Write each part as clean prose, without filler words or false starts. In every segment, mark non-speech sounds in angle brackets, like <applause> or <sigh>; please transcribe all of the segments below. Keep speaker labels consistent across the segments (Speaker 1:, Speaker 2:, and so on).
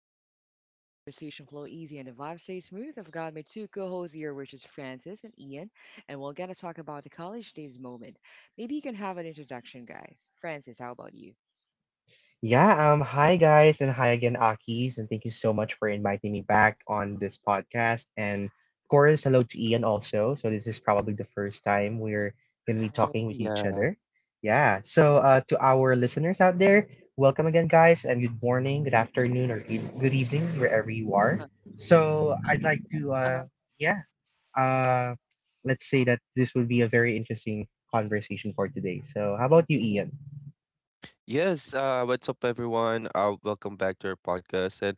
Speaker 1: a chill zone where conversation flow easy and the vibe stay smooth. I've got my two co-hosts here, which is Francis and Ian, and we're gonna talk about the college days moment. Maybe you can have an introduction, guys. Francis, how about you?
Speaker 2: Yeah, Hi guys, and hi again, Akis, and thank you so much for inviting me back on this podcast. And of course, hello to Ian also. So this is probably the first time we're gonna be
Speaker 3: Uh,
Speaker 2: talking with each
Speaker 3: yeah.
Speaker 2: other. Yeah. So to our listeners out there, welcome again, guys, and good morning, good afternoon, or good evening, wherever you
Speaker 1: Uh-huh.
Speaker 2: are. So
Speaker 1: I
Speaker 2: I'd
Speaker 1: like
Speaker 2: like to
Speaker 1: that. Uh-huh.
Speaker 2: yeah, uh, let's say that this will be a very interesting conversation for today. So, how about you,
Speaker 1: Indeed.
Speaker 2: Ian?
Speaker 3: Yes. What's up, everyone? Welcome back to our podcast. And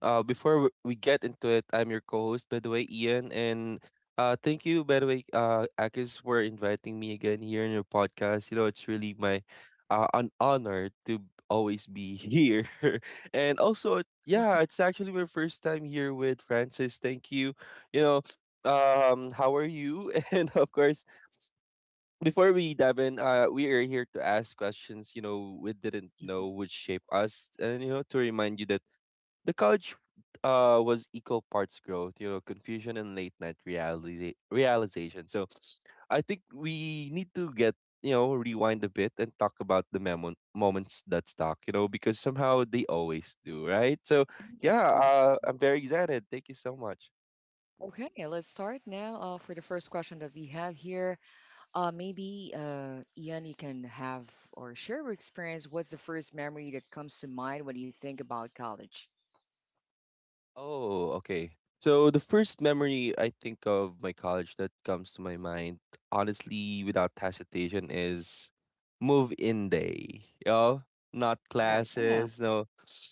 Speaker 3: uh, before w- we get into it, I'm your co-host, by the way, Ian. And thank you, by the way, Akis, for inviting me again here in your podcast. You know, it's really my an honor to always be here. <laughs> And also, yeah, it's actually my first time here with Francis. Thank you. You know, how are you? <laughs> And of course, before we dive in, we are here to ask questions, you know, we didn't know
Speaker 1: Mhm.
Speaker 3: would shape us. And, you know, to remind you that the college was equal parts growth, you know, confusion and realization. So I think we need to get, you know, rewind a bit and talk about the moments that stuck, you know, because somehow they always do, right? So, yeah,
Speaker 1: Exactly.
Speaker 3: I'm very excited. Thank you so much.
Speaker 1: Okay, let's start now for the first question that we have here. Maybe Ian, you can have or share your experience. What's the first memory that comes to mind when you think about college?
Speaker 3: Oh, okay. So the first memory I think of my college that comes to my mind, honestly, without hesitation, is move-in day. You know? Not
Speaker 1: Oh, yeah,
Speaker 3: classes, no,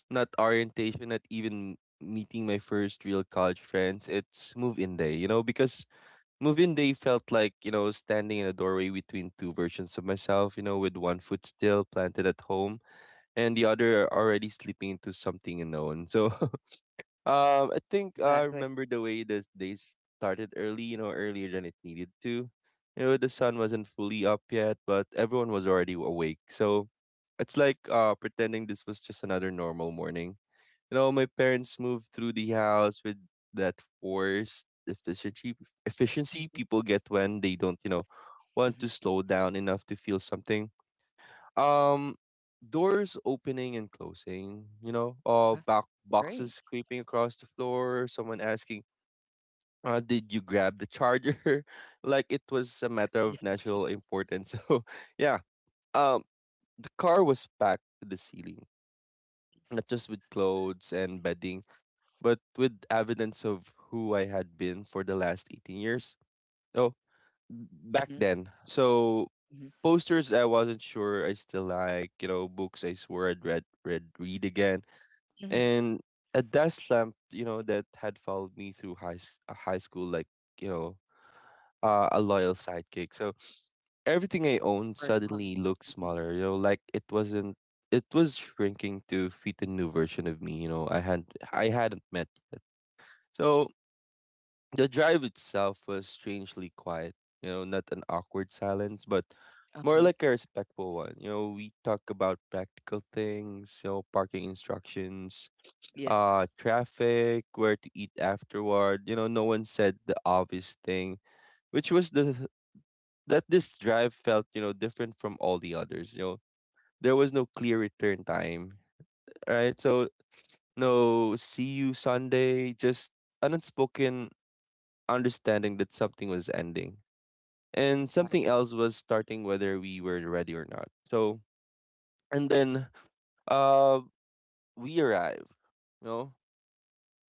Speaker 3: not orientation, not even meeting my first real college friends. It's move-in day, you know, because move-in day felt like, you know, standing in a doorway between two versions of myself, you know, with one foot still planted at home and the other already slipping into something unknown. So <laughs> I think I
Speaker 1: exactly.
Speaker 3: remember the way the days started early, you know, earlier than it needed to. You know, the sun wasn't fully up yet, but everyone was already awake. So it's like pretending this was just another normal morning. You know, my parents moved through the house with that forced efficiency
Speaker 1: Mhm,
Speaker 3: people get when they don't, you know, want
Speaker 1: mhm,
Speaker 3: to slow down enough to feel something, um, doors opening and closing, you know,
Speaker 1: uh-huh,
Speaker 3: back
Speaker 1: agree.
Speaker 3: boxes creeping across the floor, someone asking, did you grab the charger? <laughs> Like it was a matter of
Speaker 1: Yes.
Speaker 3: national importance. <laughs> So, yeah, um, the car was packed to the ceiling, not just with clothes and bedding, but with evidence of who I had been for the last 18 years. So, back
Speaker 1: Mhm,
Speaker 3: then. So,
Speaker 1: mhm,
Speaker 3: posters I wasn't sure I still like, you know, books I swore I'd read again.
Speaker 1: mhm,
Speaker 3: And a desk lamp, you know, that had followed me through high school like, you know, a loyal sidekick. So everything I owned
Speaker 1: very fun.
Speaker 3: suddenly looked
Speaker 1: Mhm,
Speaker 3: smaller, you know, like it wasn't it was shrinking to fit a new version of me, you know, I hadn't met yet. So the drive itself was strangely quiet, you know, not an awkward silence, but more
Speaker 1: uh-huh,
Speaker 3: like a respectful one. You know, we talk about practical things, you know, parking instructions,
Speaker 1: yes,
Speaker 3: traffic, where to eat afterward. You know, no one said the obvious thing, which was the that this drive felt, you know, different from all the others. You know, there was no clear return time, right? So no see you Sunday, just an unspoken understanding that something was ending and something
Speaker 1: exactly.
Speaker 3: else was starting whether we were ready or not. So and then uh we arrive, you know,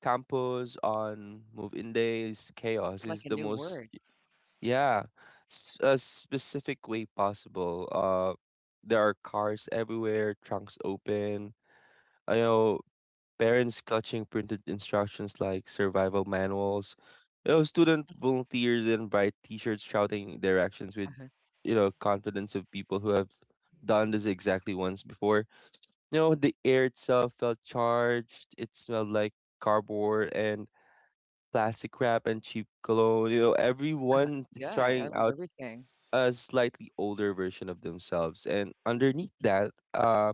Speaker 3: campus on move in days
Speaker 1: It's
Speaker 3: chaos
Speaker 1: like a
Speaker 3: is the
Speaker 1: new
Speaker 3: most
Speaker 1: word.
Speaker 3: yeah a specific way possible. There are cars everywhere, trunks open. I know parents clutching printed instructions like survival manuals, you know, student volunteers in bright t-shirts shouting directions with,
Speaker 1: Uh-huh,
Speaker 3: you know, confidence of people who have done this exactly once before. You know, the air itself felt charged. It smelled like cardboard and plastic wrap and cheap cologne. You know,
Speaker 1: uh-huh,
Speaker 3: everyone is
Speaker 1: yeah,
Speaker 3: trying out
Speaker 1: everything.
Speaker 3: a slightly older version of themselves, and underneath that,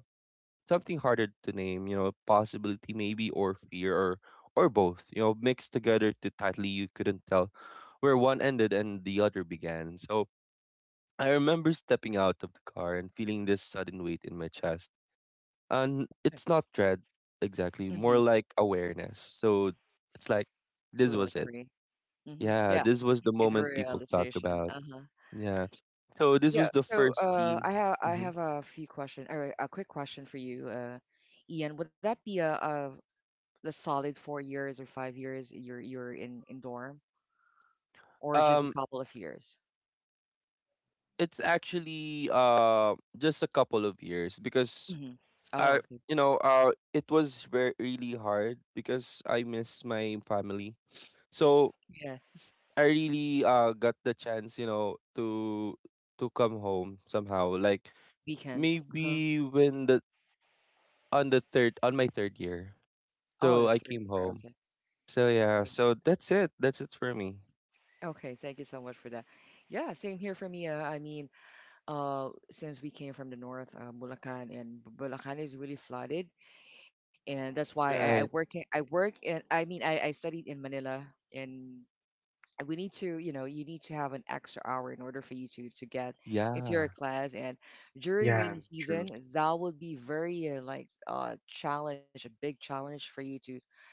Speaker 3: something harder to name, you know, possibility maybe or fear or both, you know, mixed together too tightly you couldn't tell where one ended and the other began. So I remember stepping out of the car and feeling this sudden weight in my chest. And
Speaker 1: Yeah,
Speaker 3: it's not dread exactly,
Speaker 1: mhm,
Speaker 3: more like awareness. So it's like this
Speaker 1: totally
Speaker 3: was it.
Speaker 1: agree. Mhm,
Speaker 3: Yeah,
Speaker 1: yeah,
Speaker 3: this was the
Speaker 1: it's a
Speaker 3: moment people talk
Speaker 1: realization.
Speaker 3: about.
Speaker 1: Uh-huh.
Speaker 3: Yeah. So this
Speaker 1: Yeah,
Speaker 3: was the
Speaker 1: so
Speaker 3: first scene.
Speaker 1: I
Speaker 3: Mhm.
Speaker 1: have a few question or a quick question for you, Ian. Would that be a a solid 4 years or 5 years you're in dorm, or just a
Speaker 3: Um
Speaker 1: couple of years?
Speaker 3: it's actually just a couple of years because
Speaker 1: Hmm. Oh,
Speaker 3: I
Speaker 1: okay.
Speaker 3: you know it was very really hard because I miss my family. So
Speaker 1: Yes,
Speaker 3: I really got the chance, you know, to come home somehow. Like
Speaker 1: weekends. Uh-huh.
Speaker 3: maybe when the on the third on my third year.
Speaker 1: Oh, the
Speaker 3: So I
Speaker 1: third
Speaker 3: came
Speaker 1: year. Okay.
Speaker 3: home. So yeah,
Speaker 1: Same.
Speaker 3: so that's it. That's it for me.
Speaker 1: Okay, thank you so much for that. Yeah, same here for me. I mean, since we came from the north, Bulacan, and Bulacan is really flooded, and that's why I
Speaker 3: Right.
Speaker 1: work in, I work in, I mean, I studied in Manila, and we need to, you know, you need to have an extra hour in order for you to get into your
Speaker 3: Yeah.
Speaker 1: class. And during
Speaker 2: Yeah,
Speaker 1: rainy
Speaker 2: true.
Speaker 1: season, that would be very like challenge, a big challenge for you to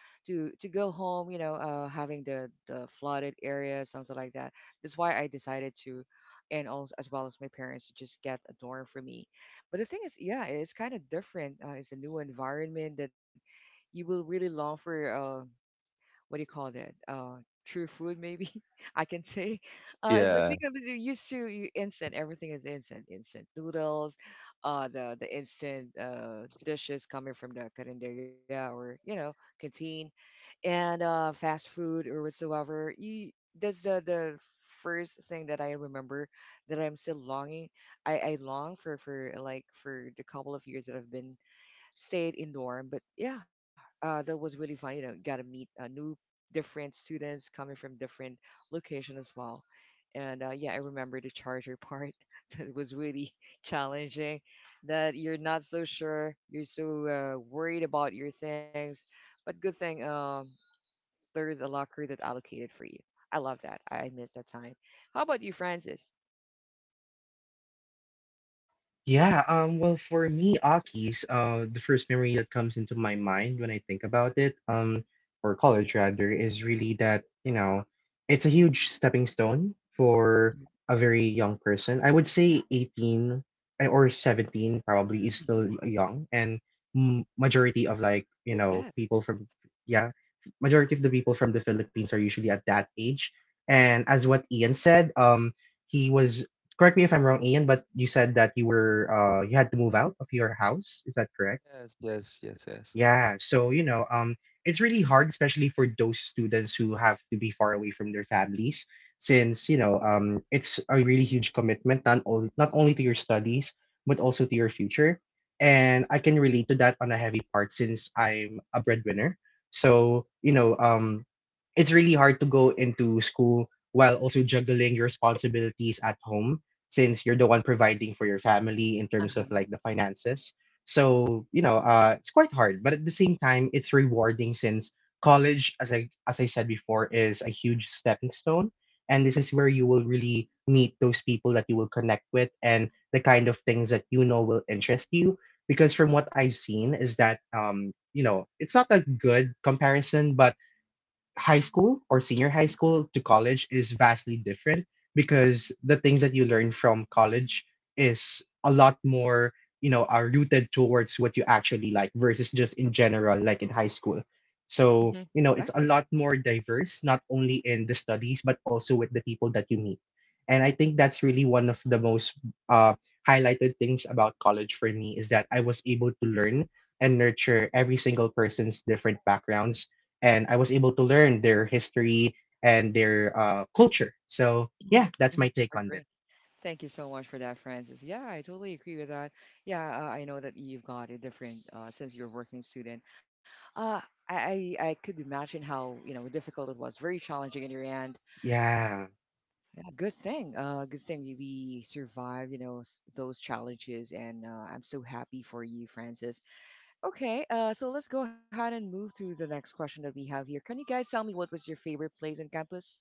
Speaker 1: to to go home, you know, having the flooded area, something like that. That's why I decided to, and also as well as my parents, to just get a dorm for me. But the thing is, yeah, it's kind of different. It's a new environment that you will really long for. What do you call that? True food, maybe, <laughs> I can say. It's
Speaker 3: Yeah.
Speaker 1: because you used to, you, instant, everything is instant, instant noodles, the instant dishes coming from the carinderia, or you know, canteen, and fast food or whatsoever. You, that's the first thing that I remember, that I'm still longing. I long for like for the couple of years that I've been stayed in dorm. But yeah, that was really fun. You know, got to meet new different students coming from different location as well. And yeah, I remember the charger part. <laughs> that was really challenging. That you're not so sure. You're so worried about your things. But good thing. There is a locker that allocated for you. I love that. I miss that time. How about you, Francis?
Speaker 2: Yeah, well, for me, Aki's, the first memory that comes into my mind when I think about it, or college rather, is really that, you know, it's a huge stepping stone for a very young person. I would say 18 eh, or 17 probably is
Speaker 1: Mhm.
Speaker 2: still young, and m majority of like, you
Speaker 1: Yes.
Speaker 2: know, yeah, majority of the people from the Philippines are usually at that age. And as what Ian said, he was... Correct me if I'm wrong, Ian, but you said that you were you had to move out of your house. Is that correct?
Speaker 3: Yes, yes, yes, yes.
Speaker 2: Yeah, so you know, it's really hard, especially for those students who have to be far away from their families, since you know, it's a really huge commitment, not only to your studies but also to your future. And I can relate to that on a heavy part since I'm a breadwinner. So you know, it's really hard to go into school while also juggling your responsibilities at home, since you're the one providing for your family in terms of like
Speaker 1: Uh-huh.
Speaker 2: the finances. So, you know, it's quite hard, but at the same time, it's rewarding since college, as I said before, is a huge stepping stone, and this is where you will really meet those people that you will connect with and the kind of things that you know will interest you. Because from what I've seen is that, you know, it's not a good comparison, but high school or senior high school to college is vastly different because the things that you learn from college is a lot more, you know, are rooted towards what you actually like versus just in general like in high school.
Speaker 1: Hmm.
Speaker 2: So you know,
Speaker 1: Exactly.
Speaker 2: it's a lot more diverse, not only in the studies but also with the people that you meet, and I think that's really one of the most uh, highlighted things about college for me, is that I was able to learn and nurture every single person's different backgrounds, and I was able to learn their history and their culture. So
Speaker 1: Hmm.
Speaker 2: yeah, that's
Speaker 1: Hmm.
Speaker 2: my take on that.
Speaker 1: Agree. Thank you so much for that, Francis. Yeah, I totally agree with that. Yeah, I know that you've got a different, since you're a working student. Uh, I could imagine how, you know, difficult it was, very challenging in your end.
Speaker 2: Yeah,
Speaker 1: Yeah, good thing. Good thing we survived, you know, those challenges, and I'm so happy for you, Francis. Okay, so let's go ahead and move to the next question that we have here. Can you guys tell me what was your favorite place in campus?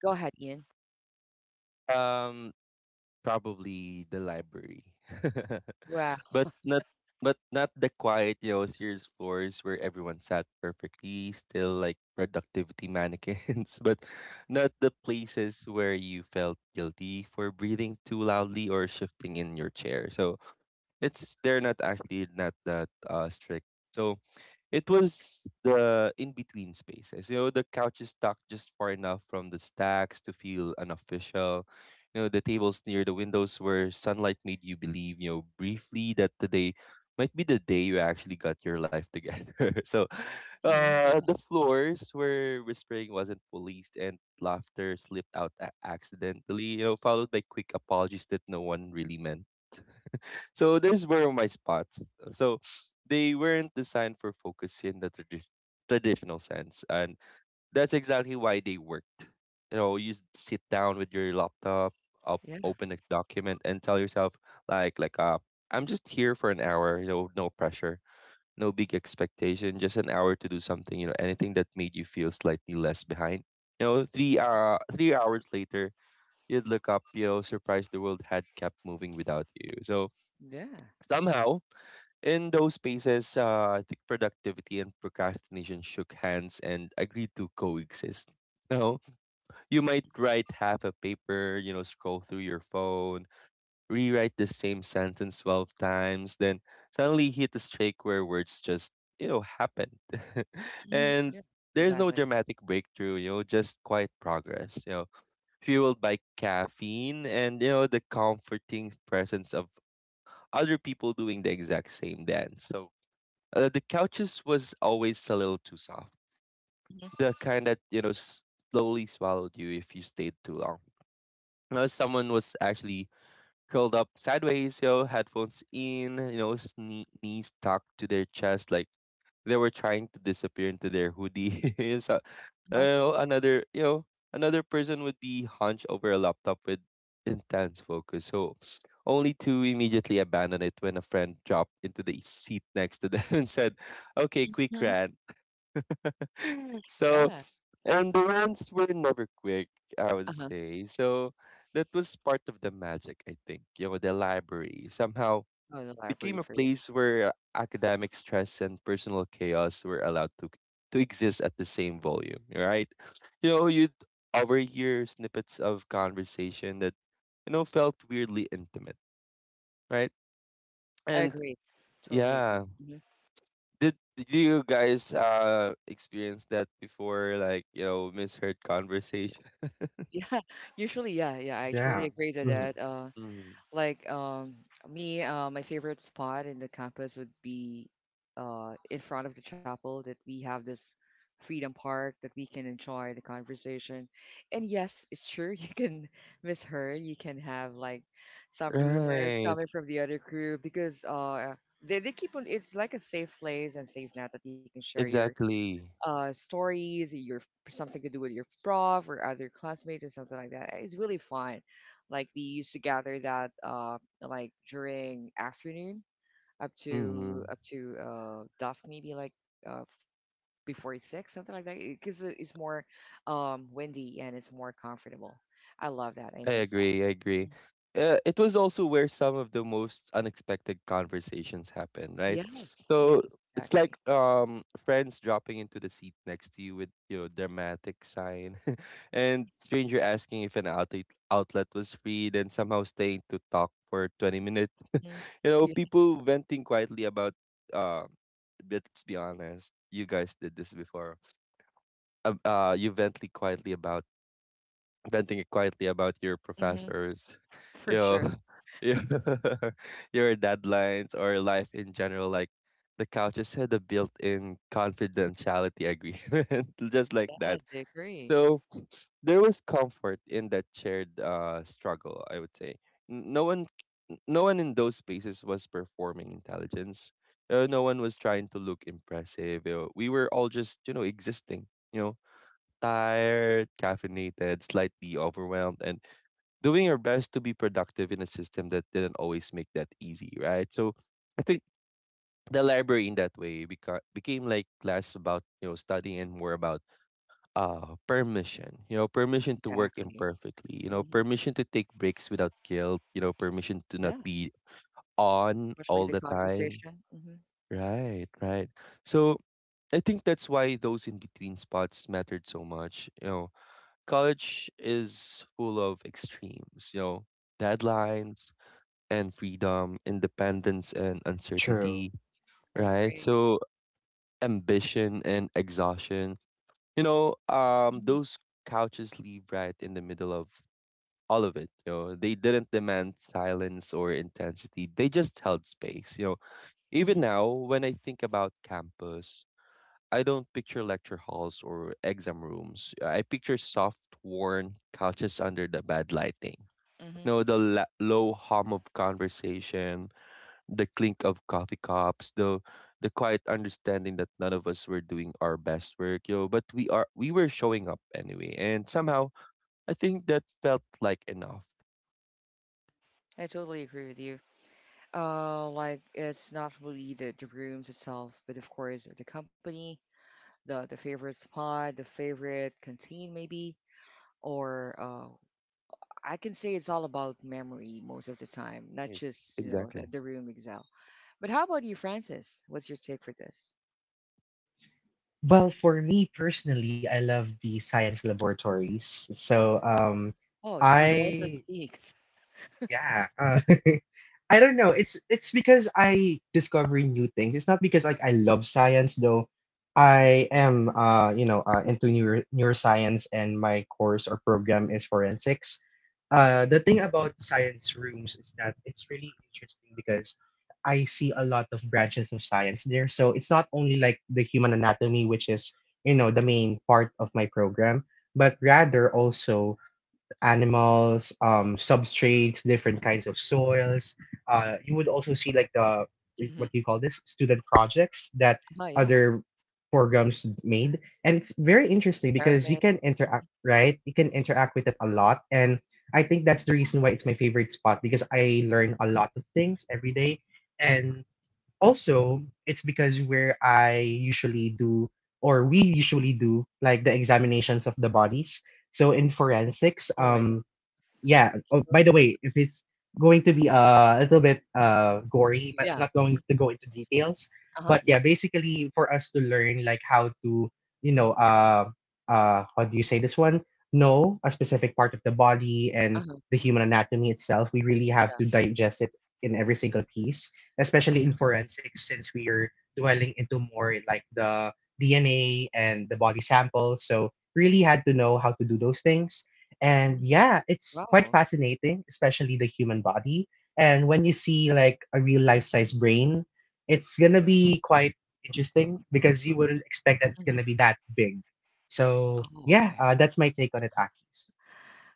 Speaker 1: Go ahead, Ian.
Speaker 3: Um Probably the library. <laughs>
Speaker 1: Wow.
Speaker 3: but not but not the quiet, you know, serious floors where everyone sat perfectly, still like productivity mannequins, <laughs> but not the places where you felt guilty for breathing too loudly or shifting in your chair. So it's they're not actually not that strict. So it was the in between spaces. You know, the couch is tucked just far enough from the stacks to feel unofficial. You know, the tables near the windows where sunlight made you believe, you know, briefly that today might be the day you actually got your life together. <laughs> So
Speaker 1: Hmm.
Speaker 3: the floors where whispering wasn't policed and laughter slipped out accidentally, you know, followed by quick apologies that no one really meant, so those were my spots. So they weren't designed for focus in the traditional sense, and that's exactly why they worked. You know, you sit down with your laptop, up,
Speaker 1: Yeah.
Speaker 3: open a document, and tell yourself, like, I'm just here for an hour. You know, no pressure, no big expectation, just an hour to do something. You know, anything that made you feel slightly less behind. You know, 3 hours later, you'd look up. You know, surprised the world had kept moving without you. So
Speaker 1: Yeah.
Speaker 3: somehow in those spaces, I think productivity and procrastination shook hands and agreed to coexist. Now, you might write half a paper, you know, scroll through your phone, rewrite the same sentence 12 times, then suddenly hit a streak where words just, you know, happened. <laughs>
Speaker 1: Hmm. Yeah.
Speaker 3: And there's
Speaker 1: Exactly.
Speaker 3: no dramatic breakthrough, you know, just quiet progress, you know, fueled by caffeine and, you know, the comforting presence of other people doing the exact same dance. So, the couches was always a little too soft.
Speaker 1: Hmm.
Speaker 3: The kind that, you know, slowly swallowed you if you stayed too long. Someone was actually curled up sideways, you know, headphones in, you know, knees tucked to their chest, like they were trying to disappear into their hoodie. <laughs> And so,
Speaker 1: Uh-huh.
Speaker 3: you know, another person would be hunched over a laptop with intense focus. So, only to immediately abandon it when a friend dropped into the seat next to them <laughs> and said, "Okay,
Speaker 1: Hmm.
Speaker 3: quick rant." <laughs>
Speaker 1: Yeah.
Speaker 3: So and the rants were never quick, I would
Speaker 1: Uh-huh.
Speaker 3: say. So that was part of the magic, I think. You know, the library somehow
Speaker 1: Oh, the
Speaker 3: became
Speaker 1: library
Speaker 3: a
Speaker 1: for you.
Speaker 3: place where academic stress and personal chaos were allowed to exist at the same volume, right? You know, you'd overhear snippets of conversation that, you know, felt weirdly intimate, right?
Speaker 1: I
Speaker 3: And
Speaker 1: agree. Totally agree.
Speaker 3: yeah,
Speaker 1: Hmm. <laughs>
Speaker 3: did you guys experience that before? Like, you know, misheard conversation.
Speaker 1: Yeah. Usually, yeah, yeah. I truly
Speaker 2: yeah,
Speaker 1: agree to
Speaker 2: mhm,
Speaker 1: that.
Speaker 3: Mm.
Speaker 1: Like me, my favorite spot in the campus would be in front of the chapel that we have this freedom park that we can enjoy the conversation. And yes, it's true, you can <laughs> misheard, you can have like some rumors
Speaker 3: Right.
Speaker 1: coming from the other crew because they keep on, it's like a safe place and safe net that you can share your
Speaker 3: Exactly.
Speaker 1: stories, your something to do with your prof or other classmates or something like that. It's really fun. Like we used to gather that like during afternoon
Speaker 3: Mm-hmm.
Speaker 1: up to dusk, maybe like before six, something like that, because it's more windy and it's more comfortable. I love that. I
Speaker 3: I
Speaker 1: miss that.
Speaker 3: agree. I agree. It was also where some of the most unexpected conversations happen, right?
Speaker 1: Yes, yes,
Speaker 3: So it's
Speaker 1: exactly.
Speaker 3: like friends dropping into the seat next to you with you know dramatic sign, <laughs> and stranger asking if an outlet outlet was free, then somehow staying to talk for 20 minutes.
Speaker 1: Hmm.
Speaker 3: You know,
Speaker 1: Yeah,
Speaker 3: people venting quietly about uh but let's be honest, you guys did this before. You vently quietly about Venting it quietly about your
Speaker 1: hmm,
Speaker 3: professors, <laughs>
Speaker 1: for
Speaker 3: you
Speaker 1: sure.
Speaker 3: know, <laughs> your <laughs> your deadlines or life in general, like the couches had a built-in confidentiality agreement, <laughs> just like
Speaker 1: Yes,
Speaker 3: that.
Speaker 1: I agree.
Speaker 3: So there was comfort in that shared struggle, I would say. N- No one no one in those spaces was performing intelligence. No one was trying to look impressive. We were all just, you know, existing, you know, tired, caffeinated, slightly overwhelmed, and doing our best to be productive in a system that didn't always make that easy, right? So I think the library in that way became like less about, you know, studying and more about permission, you know, permission to work
Speaker 1: Exactly.
Speaker 3: imperfectly, you know,
Speaker 1: Hmm.
Speaker 3: permission to take breaks without guilt, you know, permission to not
Speaker 1: Yeah,
Speaker 3: be on
Speaker 1: especially
Speaker 3: all
Speaker 1: the
Speaker 3: the time,
Speaker 1: conversation. Hmm.
Speaker 3: right? Right. So I think that's why those in between spots mattered so much. You know, college is full of extremes, you know, deadlines and freedom, independence and
Speaker 2: true.
Speaker 3: uncertainty, right?
Speaker 1: Agree.
Speaker 3: So ambition and exhaustion. You know,
Speaker 1: Hmm.
Speaker 3: those couches leave right in the middle of all of it. You know, they didn't demand silence or intensity. They just held space. You know,
Speaker 1: Hmm.
Speaker 3: even now when I think about campus, I don't picture lecture halls or exam rooms. I picture soft, worn couches under the bad lighting.
Speaker 1: Hmm.
Speaker 3: You know, the low hum of conversation, the clink of coffee cups, the quiet understanding that none of us were doing our best work, you know, but we were showing up anyway. And somehow I think that felt like enough.
Speaker 1: I totally agree with you. Like it's not really the rooms itself, but of course the company, the favorite spot, the favorite canteen maybe, or I can say it's all about memory most of the time, not
Speaker 3: Right.
Speaker 1: just, you know, the
Speaker 3: Exactly.
Speaker 1: room itself. But how about you, Francis? What's your take for this?
Speaker 2: Well, for me personally, I love the science laboratories. So
Speaker 1: Oh, you both are
Speaker 2: I
Speaker 1: geeks.
Speaker 2: Yeah. <laughs> I don't know. It's because I discover new things. It's not because like I love science though. I am into neuroscience and my course or program is forensics. The thing about science rooms is that it's really interesting because I see a lot of branches of science there. So it's not only like the human anatomy, which is you know the main part of my program, but rather also animals, substrates, different kinds of soils. You would also see like the what do you
Speaker 1: Hmm.
Speaker 2: call this student projects that
Speaker 1: Oh yeah,
Speaker 2: other programs made, and it's very interesting because you
Speaker 1: experiments.
Speaker 2: can interact, right? You can interact with it a lot, and I think that's the reason why it's my favorite spot because I learn a lot of things every day, and also it's because where I usually do or we usually do like the examinations of the bodies. so in forensics
Speaker 1: Oh my God.
Speaker 2: um yeah. Oh, by the way, if it's going to be a little bit gory, but I'm
Speaker 1: Yeah.
Speaker 2: not going
Speaker 1: Hmm.
Speaker 2: to go into details.
Speaker 1: Uh-huh.
Speaker 2: But yeah,
Speaker 1: Yes.
Speaker 2: basically for us to learn like how to, you know, how do you say this one? Know a specific part of the body and
Speaker 1: Uh-huh.
Speaker 2: the
Speaker 1: Mhm.
Speaker 2: human anatomy itself. We really have to
Speaker 1: Yes.
Speaker 2: digest it in every single piece, especially in forensics, since we are dwelling into more in, like the DNA and the body samples. So really had to know how to do those things. And
Speaker 1: Mhm.
Speaker 2: yeah, it's quite
Speaker 1: Wow.
Speaker 2: fascinating, especially the human body. And when you see like a real life size brain, it's gonna be quite interesting because you wouldn't expect
Speaker 1: Mhm.
Speaker 2: that it's gonna be that big. So
Speaker 1: Oh, okay.
Speaker 2: yeah, that's my take on it,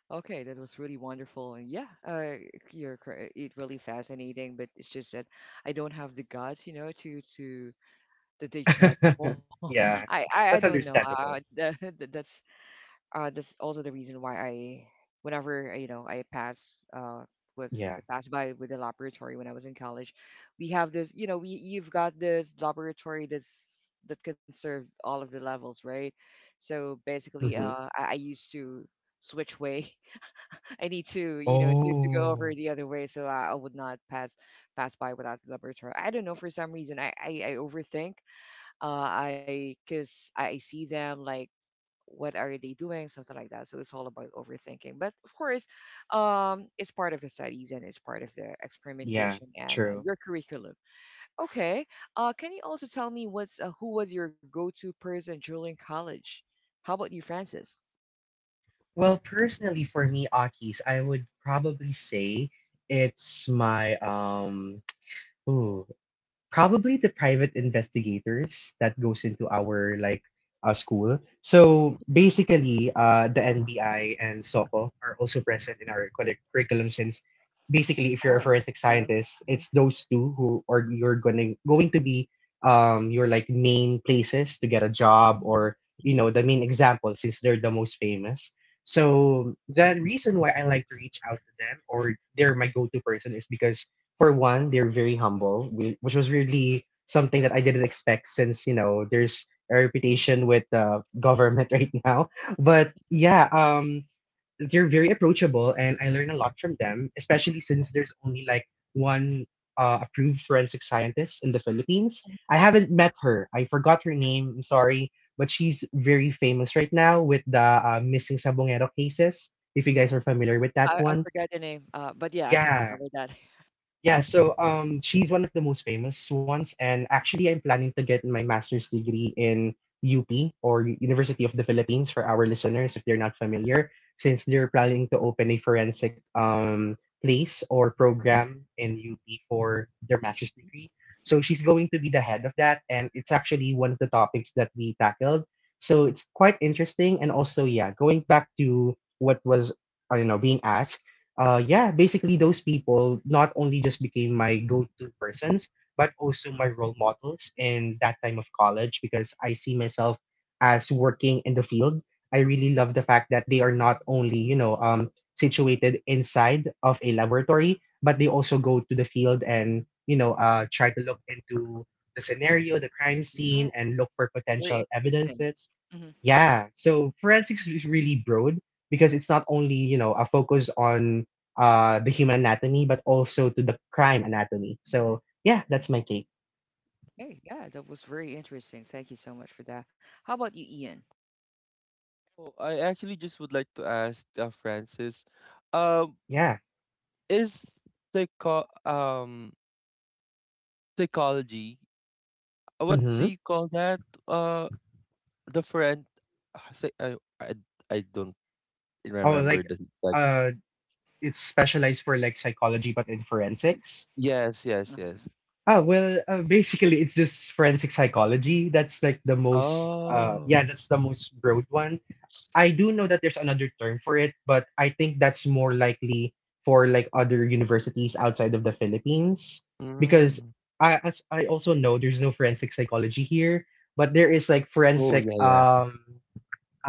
Speaker 1: Okay, that was really wonderful. And yeah, you're correct. It really fascinating, but it's just that I don't have the guts, you know, to digest <laughs> more.
Speaker 2: Akis. <laughs>
Speaker 1: I,
Speaker 2: Yeah,
Speaker 1: I I
Speaker 2: that's
Speaker 1: don't know.
Speaker 2: understandable.
Speaker 1: That, <laughs> that's that's also the reason why I, whenever you know, I pass with,
Speaker 2: Yeah.
Speaker 1: I pass by with the laboratory when I was in college, we have this. You know, we, you've got this laboratory that's that can serve all of the levels, right? So basically,
Speaker 2: Hmm.
Speaker 1: I used to switch way. <laughs> I need to, you know, to go over
Speaker 2: Oh,
Speaker 1: the other way, so I would not pass pass by without the laboratory. I don't know for some reason I overthink. I because I see them like what are they doing, something like that, so it's all about overthinking. But of course, it's part of the studies and it's part of the
Speaker 2: yeah,
Speaker 1: experimentation, and
Speaker 2: true.
Speaker 1: your curriculum. Okay, can you also tell me what's, who was your go-to person during college? How about you, Francis?
Speaker 2: Well, personally, for me, Akis, I would probably say it's my um... Ooh, probably the private investigators that goes into our like school. So basically, the NBI and SOCO are also present in our curriculum since basically, if you're a
Speaker 1: Oh.
Speaker 2: forensic
Speaker 1: uh,
Speaker 2: scientist,
Speaker 1: mhm,
Speaker 2: it's those two who are you're going to be your like main places to get a job,
Speaker 1: mhm,
Speaker 2: or you
Speaker 1: mhm,
Speaker 2: know, the main example since they're the most famous. So the reason why I like to reach out to them or they're my go-to person is because for one, they're very humble, which was really something that I didn't expect since, you know, there's a
Speaker 1: mhm.
Speaker 2: reputation with the government <laughs> right now. But yeah, they're very approachable and I learn a lot from them, especially since there's only like one approved forensic scientist in the Philippines. I haven't met her. I forgot her name. I'm sorry. But she's very famous right now with the missing Sabongero cases, if you guys are familiar with that
Speaker 1: I
Speaker 2: one.
Speaker 1: forgot the name, but yeah, I can remember
Speaker 2: Yeah,
Speaker 1: that.
Speaker 2: yeah, so she's one of the most famous ones, and actually, I'm planning to get my master's degree in UP or University of the Philippines for our listeners if they're not familiar, since they're planning to open a forensic um place or program in UP for their master's degree. So she's going to be the head of that, and it's actually one of the topics that we tackled. So it's quite interesting, and also, yeah, going back to what was, I don't know, being asked. Yeah, basically those people not only just became my go-to persons, but also my role models in that time of college because I see myself as working in the field. I really love the fact that they are not only, you know, situated inside of a laboratory, but they also go to the field and, you know, try to look into the scenario, the crime
Speaker 1: <laughs> yeah,
Speaker 2: scene, and look for
Speaker 1: very
Speaker 2: potential
Speaker 1: interesting.
Speaker 2: evidences.
Speaker 1: Hmm.
Speaker 2: Yeah, so forensics is really broad because it's not only, you know, a focus on the human anatomy, but also to the crime anatomy. So yeah, that's my take.
Speaker 1: Hey, yeah, that was very interesting. Thank you so much for that. How about you, Ian?
Speaker 3: Oh, I actually just would like to ask Francis, um,
Speaker 2: Yeah.
Speaker 3: is psycho um psychology, what
Speaker 2: Mm-hmm.
Speaker 3: do you call that? Uh, the friend, psy- I don't
Speaker 2: Oh,
Speaker 3: remember
Speaker 2: like
Speaker 3: the like.
Speaker 2: uh, it's specialized for like psychology, but in forensics.
Speaker 3: Yes, yes,
Speaker 1: Uh-huh.
Speaker 3: yes.
Speaker 2: Ah, well, basically, it's just forensic psychology. That's like the most, yeah,
Speaker 3: Oh.
Speaker 2: that's the most broad one. I do know that there's another term for it, but I think that's more likely for like other universities outside of the Philippines because
Speaker 3: Mm.
Speaker 2: I as I also know there's no forensic psychology here, but there is like
Speaker 3: Oh,
Speaker 2: forensic
Speaker 3: yeah, yeah.
Speaker 2: um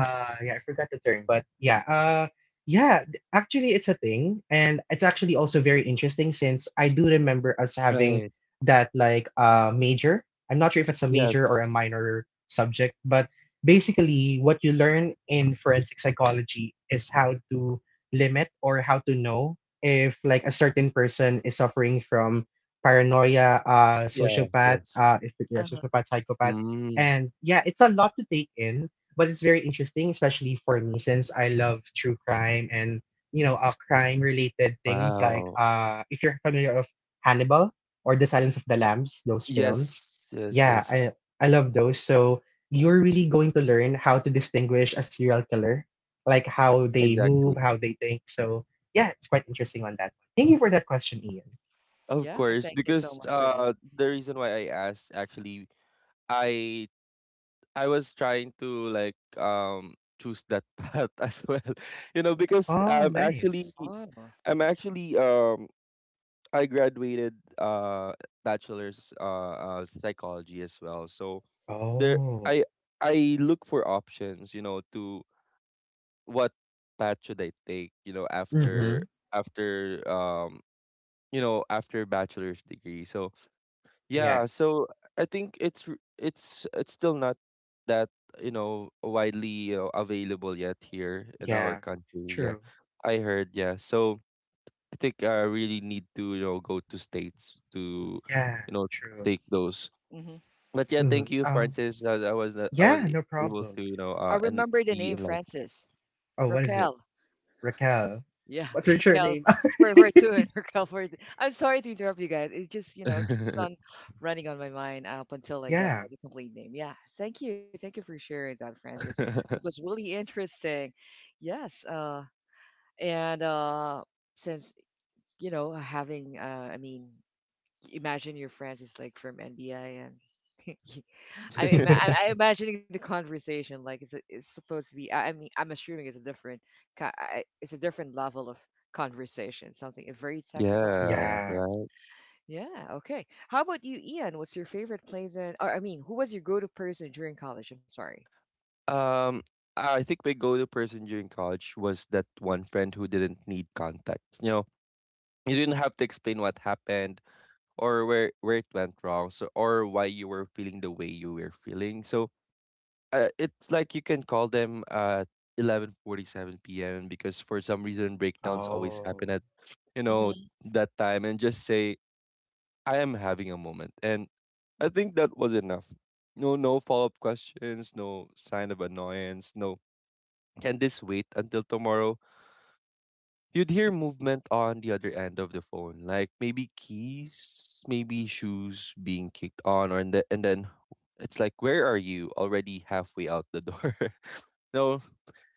Speaker 2: uh, yeah, I forgot the term, but yeah, yeah, actually, it's a thing, and it's actually also very interesting since I do remember us having
Speaker 3: Right.
Speaker 2: that like major. I'm not sure if it's a major or a
Speaker 3: Yes.
Speaker 2: minor subject, but basically, what you learn in forensic psychology is how to limit or how to know if like a certain person is suffering from paranoia,
Speaker 3: Yes,
Speaker 2: sociopath,
Speaker 3: yes.
Speaker 2: if you're a sociopath, psychopath,
Speaker 3: Mm.
Speaker 2: and yeah, it's a lot to take in but it's very interesting, especially for me since I love true crime and you know crime related things like
Speaker 3: Wow.
Speaker 2: if you're familiar of Hannibal or The Silence of the Lambs, those films.
Speaker 3: Yes, yes,
Speaker 2: Yeah,
Speaker 3: yes.
Speaker 2: I love those. So you're really going to learn how to distinguish a serial killer, like how they move,
Speaker 3: Exactly.
Speaker 2: how they think. So yeah, it's quite interesting on that one. Thank you for that question, Ian.
Speaker 3: Of
Speaker 1: Yeah,
Speaker 3: course,
Speaker 1: thank you so
Speaker 3: because
Speaker 1: much for that. Mhm.
Speaker 3: the reason why I asked actually, I I was trying to like choose that path <laughs> as well. You know, because
Speaker 2: Oh, nice.
Speaker 1: Oh,
Speaker 3: I'm actually um I graduated bachelor's psychology as well. So there
Speaker 2: Oh.
Speaker 3: I I look for options, you know, to what path should I take, you know,
Speaker 2: Mm-hmm.
Speaker 3: after um after bachelor's degree. So
Speaker 2: Yeah.
Speaker 3: yeah, so I think it's still not that, you know, widely, you know, available yet here in
Speaker 2: Yeah.
Speaker 3: our country. Yeah,
Speaker 2: True.
Speaker 3: I heard. Yeah, so I think I really need to, you know, go to states to,
Speaker 2: Yeah.
Speaker 3: you know,
Speaker 2: True.
Speaker 3: take those.
Speaker 1: hmm,
Speaker 3: But yeah,
Speaker 2: Mm-hmm.
Speaker 3: thank you, Francis. I was not- I was
Speaker 2: Yeah, no
Speaker 3: able to,
Speaker 2: problem.
Speaker 3: you know,
Speaker 1: I
Speaker 3: and
Speaker 1: remember the name,
Speaker 3: be enlightened.
Speaker 1: Francis.
Speaker 2: Oh, what is it?
Speaker 1: Raquel.
Speaker 2: Raquel.
Speaker 1: Yeah,
Speaker 2: What's your
Speaker 1: <laughs> Raquel.
Speaker 2: surname? <laughs>
Speaker 1: We're two and <laughs> Raquel for. I'm sorry to interrupt you guys. It just, you know, keeps on
Speaker 3: <laughs>
Speaker 1: running on my mind up until I get
Speaker 2: Yeah.
Speaker 1: the complete name. Yeah, thank you for sharing that, Francis. It was really interesting. Yes, and since, you know, having, I mean, imagine your friends is like from NBI, and <laughs> I am I'm imagining the conversation like it's supposed to be I mean, I'm assuming it's a different it's a different level of conversation, something very technical, something
Speaker 3: Yeah,
Speaker 1: like that.
Speaker 2: Yeah.
Speaker 3: right.
Speaker 1: Yeah, okay. How about you, Ian? What's your favorite place in, or I mean, who was your go-to person during college? I'm sorry.
Speaker 3: Um, I think my go-to person during college was that one friend who didn't need context. You know, you didn't have to explain what happened or where it went wrong, or why you were feeling the way you were feeling. So it's like you can call them at 11:47 p.m. because for some reason breakdowns always happen
Speaker 2: Oh,
Speaker 3: at, you know,
Speaker 1: Mm-hmm.
Speaker 3: that time and just say I am having a moment, and I think that was enough. No, no follow-up questions, no sign of annoyance, no can this wait until tomorrow? You'd hear movement on the other end of the phone, like maybe keys, maybe shoes being kicked on, and then it's like, where are you? Already halfway out the door. <laughs> No,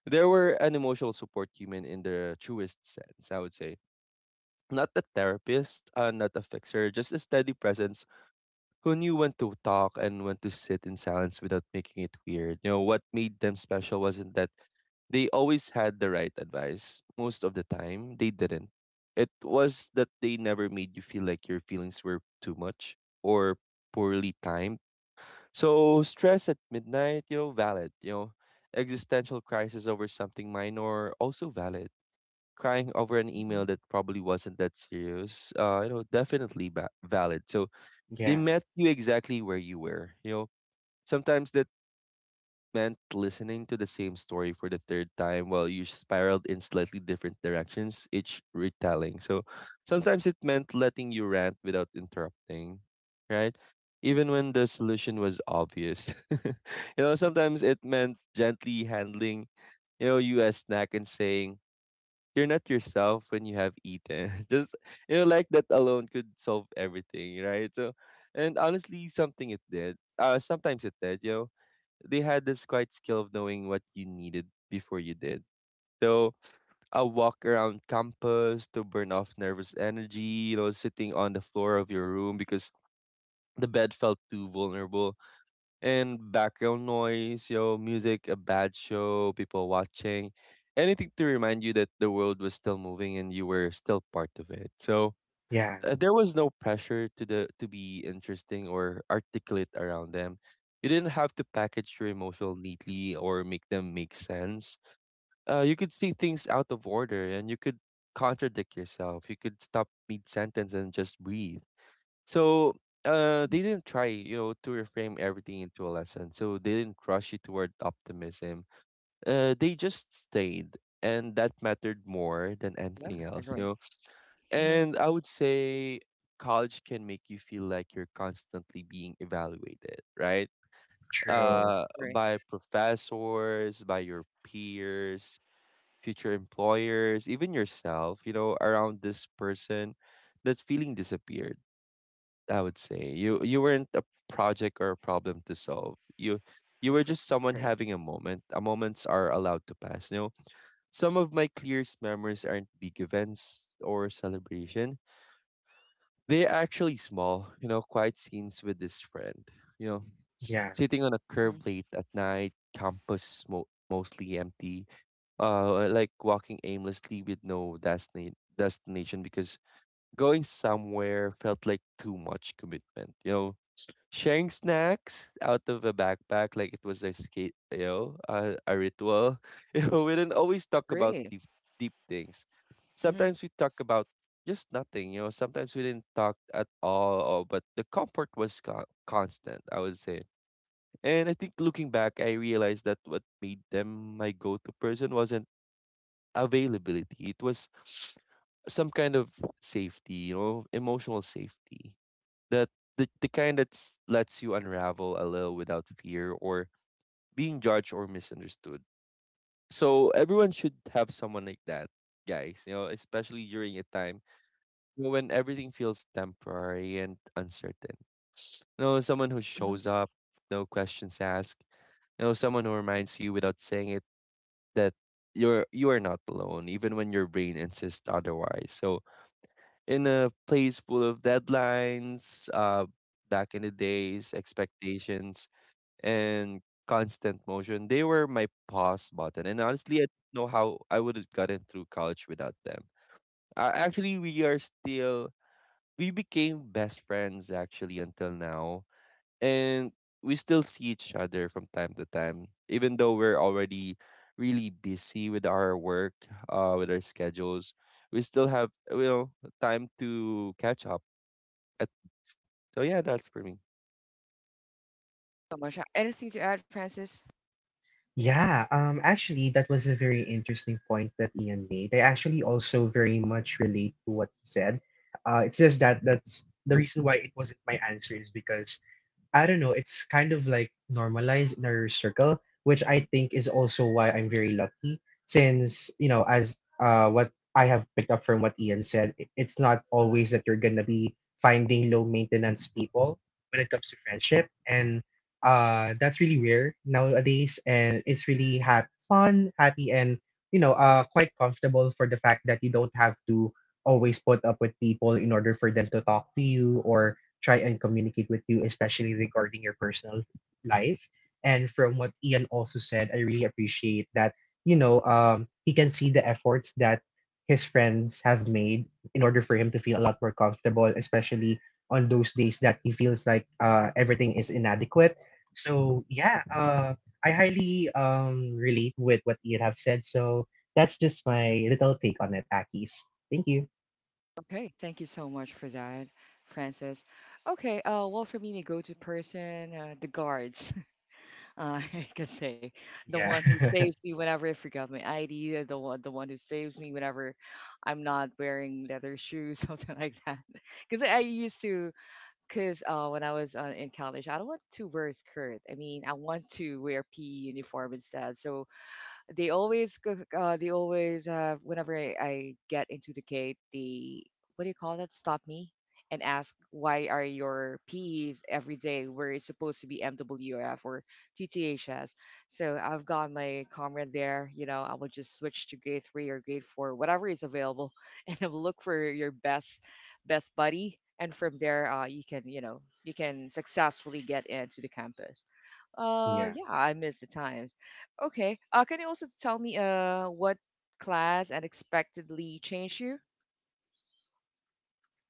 Speaker 3: there were an emotional support human in the truest sense, I would say. Not a therapist, not a fixer, just a steady presence who knew when to talk and when to sit in silence without making it weird. You know, what made them special wasn't that they always had the right advice. Most of the time, they didn't. It was that they never made you feel like your feelings were too much or poorly timed. So, stress at midnight, you know, valid. You know, existential crisis over something minor, also valid. Crying over an
Speaker 1: Hmm.
Speaker 3: email that probably wasn't that serious, you know, definitely valid. So, they
Speaker 2: yeah.
Speaker 3: met you exactly where you were. You know, sometimes that meant listening to the same story for the third time while you spiraled in slightly different directions each retelling. So sometimes it meant letting you rant without interrupting, right? Even when the solution was obvious. <laughs> You know, sometimes it meant gently handling, you know, you as snack and saying, you're not yourself when you have eaten. <laughs> Just you know, like that alone could solve everything, right? So, and honestly, something it did. Sometimes it did. You know, they had this quite skill of knowing what you needed before you did. So, a walk around campus to burn off nervous energy. You know, sitting on the floor of your room because the bed felt too vulnerable, and background noise, yo, music, a bad show, people watching, anything to remind you that the world was still moving and you were still part of it. So
Speaker 2: Yeah.
Speaker 3: there was no pressure to the to be interesting or articulate around them. You didn't have to package your emotional neatly or make them make sense. You could see things out of order and you could contradict yourself. You could stop mid sentence and just breathe. So they didn't try, you know, to reframe everything into a lesson. So they didn't rush you toward optimism. They just stayed, and that mattered more than
Speaker 1: Yeah.
Speaker 3: anything else, you
Speaker 1: Agree.
Speaker 3: know.
Speaker 1: Mm-hmm,
Speaker 3: And I would say college can make you feel like you're constantly being evaluated, right?
Speaker 2: True.
Speaker 1: agree.
Speaker 3: By professors, by your peers, future employers, even yourself. You know, around this person, that feeling disappeared, I would say. You weren't a project or a problem to solve.
Speaker 1: I
Speaker 3: You were just
Speaker 1: totally agree.
Speaker 3: someone having a moment. A moments are allowed to pass. You know, some of my clearest memories aren't big events or celebration. They're actually small, you know, quiet scenes with this friend. You know,
Speaker 2: Yeah.
Speaker 3: sitting on a
Speaker 1: Agree.
Speaker 3: curb late at night, campus mostly empty. Like walking aimlessly with no destination because going somewhere felt like too much commitment. You know, sharing snacks out of a backpack like it was a skate, you know, a ritual. <laughs> You know, we didn't always
Speaker 1: Mm-hmm,
Speaker 3: talk about
Speaker 1: agree.
Speaker 3: deep things.
Speaker 1: Mm-hmm,
Speaker 3: Sometimes we talk about just nothing, you know. Sometimes we didn't talk at all, but the comfort was constant, I would say. And I think looking back, I realized that what made them my go-to person wasn't availability. It was some kind of safety, you know, emotional safety that the kind that lets you unravel a little without fear or being judged or misunderstood. So everyone should have someone like that, guys, you know, especially during a time when everything feels temporary and uncertain. You know, someone who
Speaker 1: mm-hmm.
Speaker 3: shows up, no questions asked, you know, someone who reminds you without saying it that you are not alone, even when your brain insists otherwise. So in a place full of deadlines, back in the days, expectations, and constant motion. They were my pause button. And honestly, I don't know how I would have gotten through college without them. Actually, we are still, we became best friends actually until now. And we still see each other from time to time, even though we're already really busy with our work, with our schedules. We still have, you know, time to catch up at least. So yeah, that's for me.
Speaker 1: So much. Anything to add, Francis?
Speaker 2: Yeah. Actually, that was a very interesting point that Ian made. I actually also very much relate to what he said. It's just that that's the reason why it wasn't my answer is because I don't know, it's kind of like normalized in our circle, which I think is also why I'm very lucky since, you know, as what I have picked up from what Ian said, it's not always that you're gonna be finding low maintenance people when it comes to friendship and that's really rare nowadays and it's really fun, happy and you know, quite comfortable for the fact that you don't have to always put up with people in order for them to talk to you or try and communicate with you, especially regarding your personal life. And from what Ian also said, I really appreciate that, you know, he can see the efforts that his friends have made in order for him to feel a lot more comfortable, especially on those days that he feels like everything is inadequate. So, yeah, I highly relate with what Ian have said. So, that's just my little take on it, Akis. Thank you.
Speaker 1: Okay, thank you so much for that, Francis. Okay, well, for me, my go-to person, the guards. <laughs> <laughs> I could say the one
Speaker 2: Yeah.
Speaker 1: who saves me whenever I forgot my ID, the one who saves me whenever I'm not wearing leather shoes, <laughs> something like that. Because I used to, because when I was in college, I don't want to wear a skirt. I mean, I want to wear PE uniform instead. So they always they always have, whenever I get into the gate, they, what do you call that? Stop me and ask why are your PEs every day where it's supposed to be MWF or TTHS. So I've got my comrade there. You know, I will just switch to grade three or grade four, whatever is available, <laughs> and I will look for your best buddy. And from there, you can, you know, you can successfully get into the campus.
Speaker 2: <laughs> yeah.
Speaker 1: Yeah, I miss the time. Okay. Can you also tell me what class unexpectedly changed you?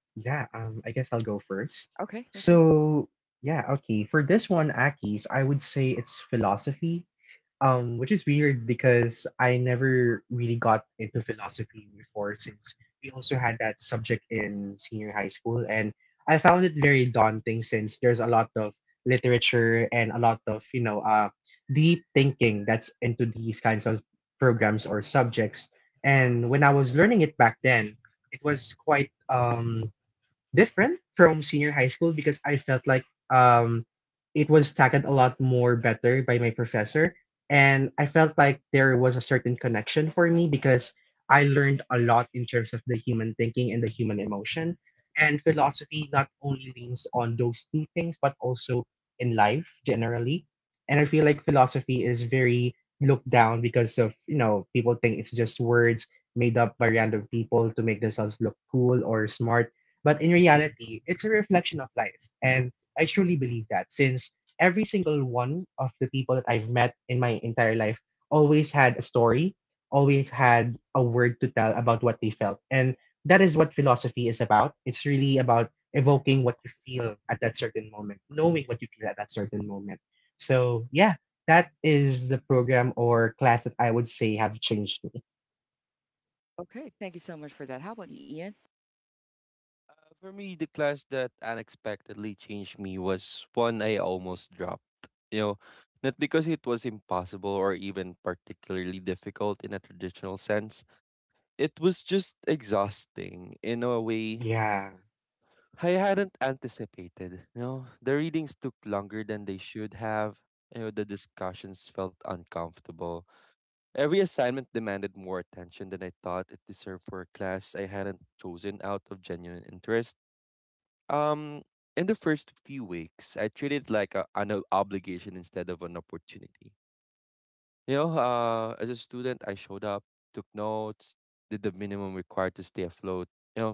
Speaker 2: Yeah, I guess I'll go first.
Speaker 1: Okay, thank you.
Speaker 2: So, yeah, okay. For this one, Aki's, I would say it's philosophy, which is weird because I never really got into philosophy before since we also had that subject in senior high school. And I found it very daunting since there's a lot of literature and a lot of, you know, deep thinking that's into these kinds of programs or subjects. And when I was learning it back then, it was quite. Um, different from senior high school because I felt like um it was tackled a lot more better by my professor. And I felt like there was a certain connection for me because I learned a lot in terms of the human thinking and the human emotion. And philosophy not only leans on those two things, but also in life generally. And I feel like philosophy is very looked down because of, you know, people think it's just words made up by random people to make themselves look cool or smart. But in reality, it's a reflection of life. And I truly believe that since every single one of the people that I've met in my entire life always had a story, always had a word to tell about what they felt. And that is what philosophy is about. It's really about evoking what you feel at that certain moment, knowing what you feel at that certain moment. So, yeah, that is the program or class that I would say have changed me.
Speaker 1: Okay, thank you so much for that. How about you, Ian?
Speaker 3: For me, the class that unexpectedly changed me was one I almost dropped. You know, not because it was impossible or even particularly difficult in a traditional sense. It was just exhausting in a way
Speaker 2: Yeah.
Speaker 3: I hadn't anticipated. You know, the readings took longer than they should have. You know, the discussions felt uncomfortable. Every assignment demanded more attention than I thought it deserved for a class I hadn't chosen out of genuine interest. Um, in the first few weeks, I treated it like an obligation instead of an opportunity. You know, as a student, I showed up, took notes, did the minimum required to stay afloat. You know,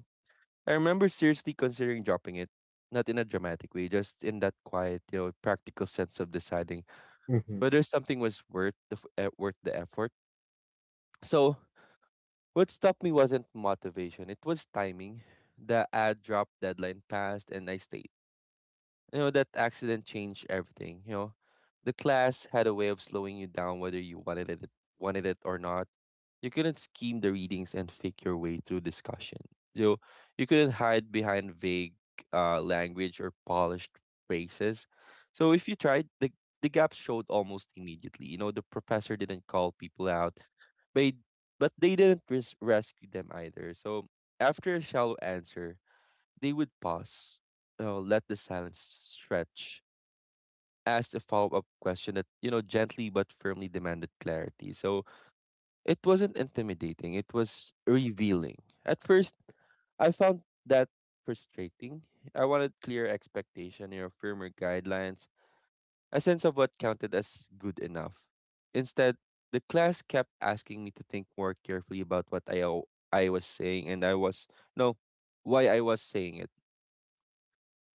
Speaker 3: I remember seriously considering dropping it, not in a dramatic way, just in that quiet, you know, practical sense of deciding
Speaker 2: Mm-hmm.
Speaker 3: whether something was worth worth the effort. So what stopped me wasn't motivation, it was timing. The ad drop deadline passed and I stayed. You know, that accident changed everything, you know. The class had a way of slowing you down whether you wanted it or not. You couldn't scheme the readings and fake your way through discussion. You you couldn't hide behind vague language or polished phrases. So if you tried, the gaps showed almost immediately. You know, the professor didn't call people out, but they didn't rescue them either. So after a shallow answer, they would pause, let the silence stretch, ask a follow up question that you know gently but firmly demanded clarity. So it wasn't intimidating, it was revealing. At first, I found that frustrating. I wanted clear expectation, you know, firmer guidelines, a sense of what counted as good enough. Instead, the class kept asking me to think more carefully about what I was saying and I was, no, why I was saying it.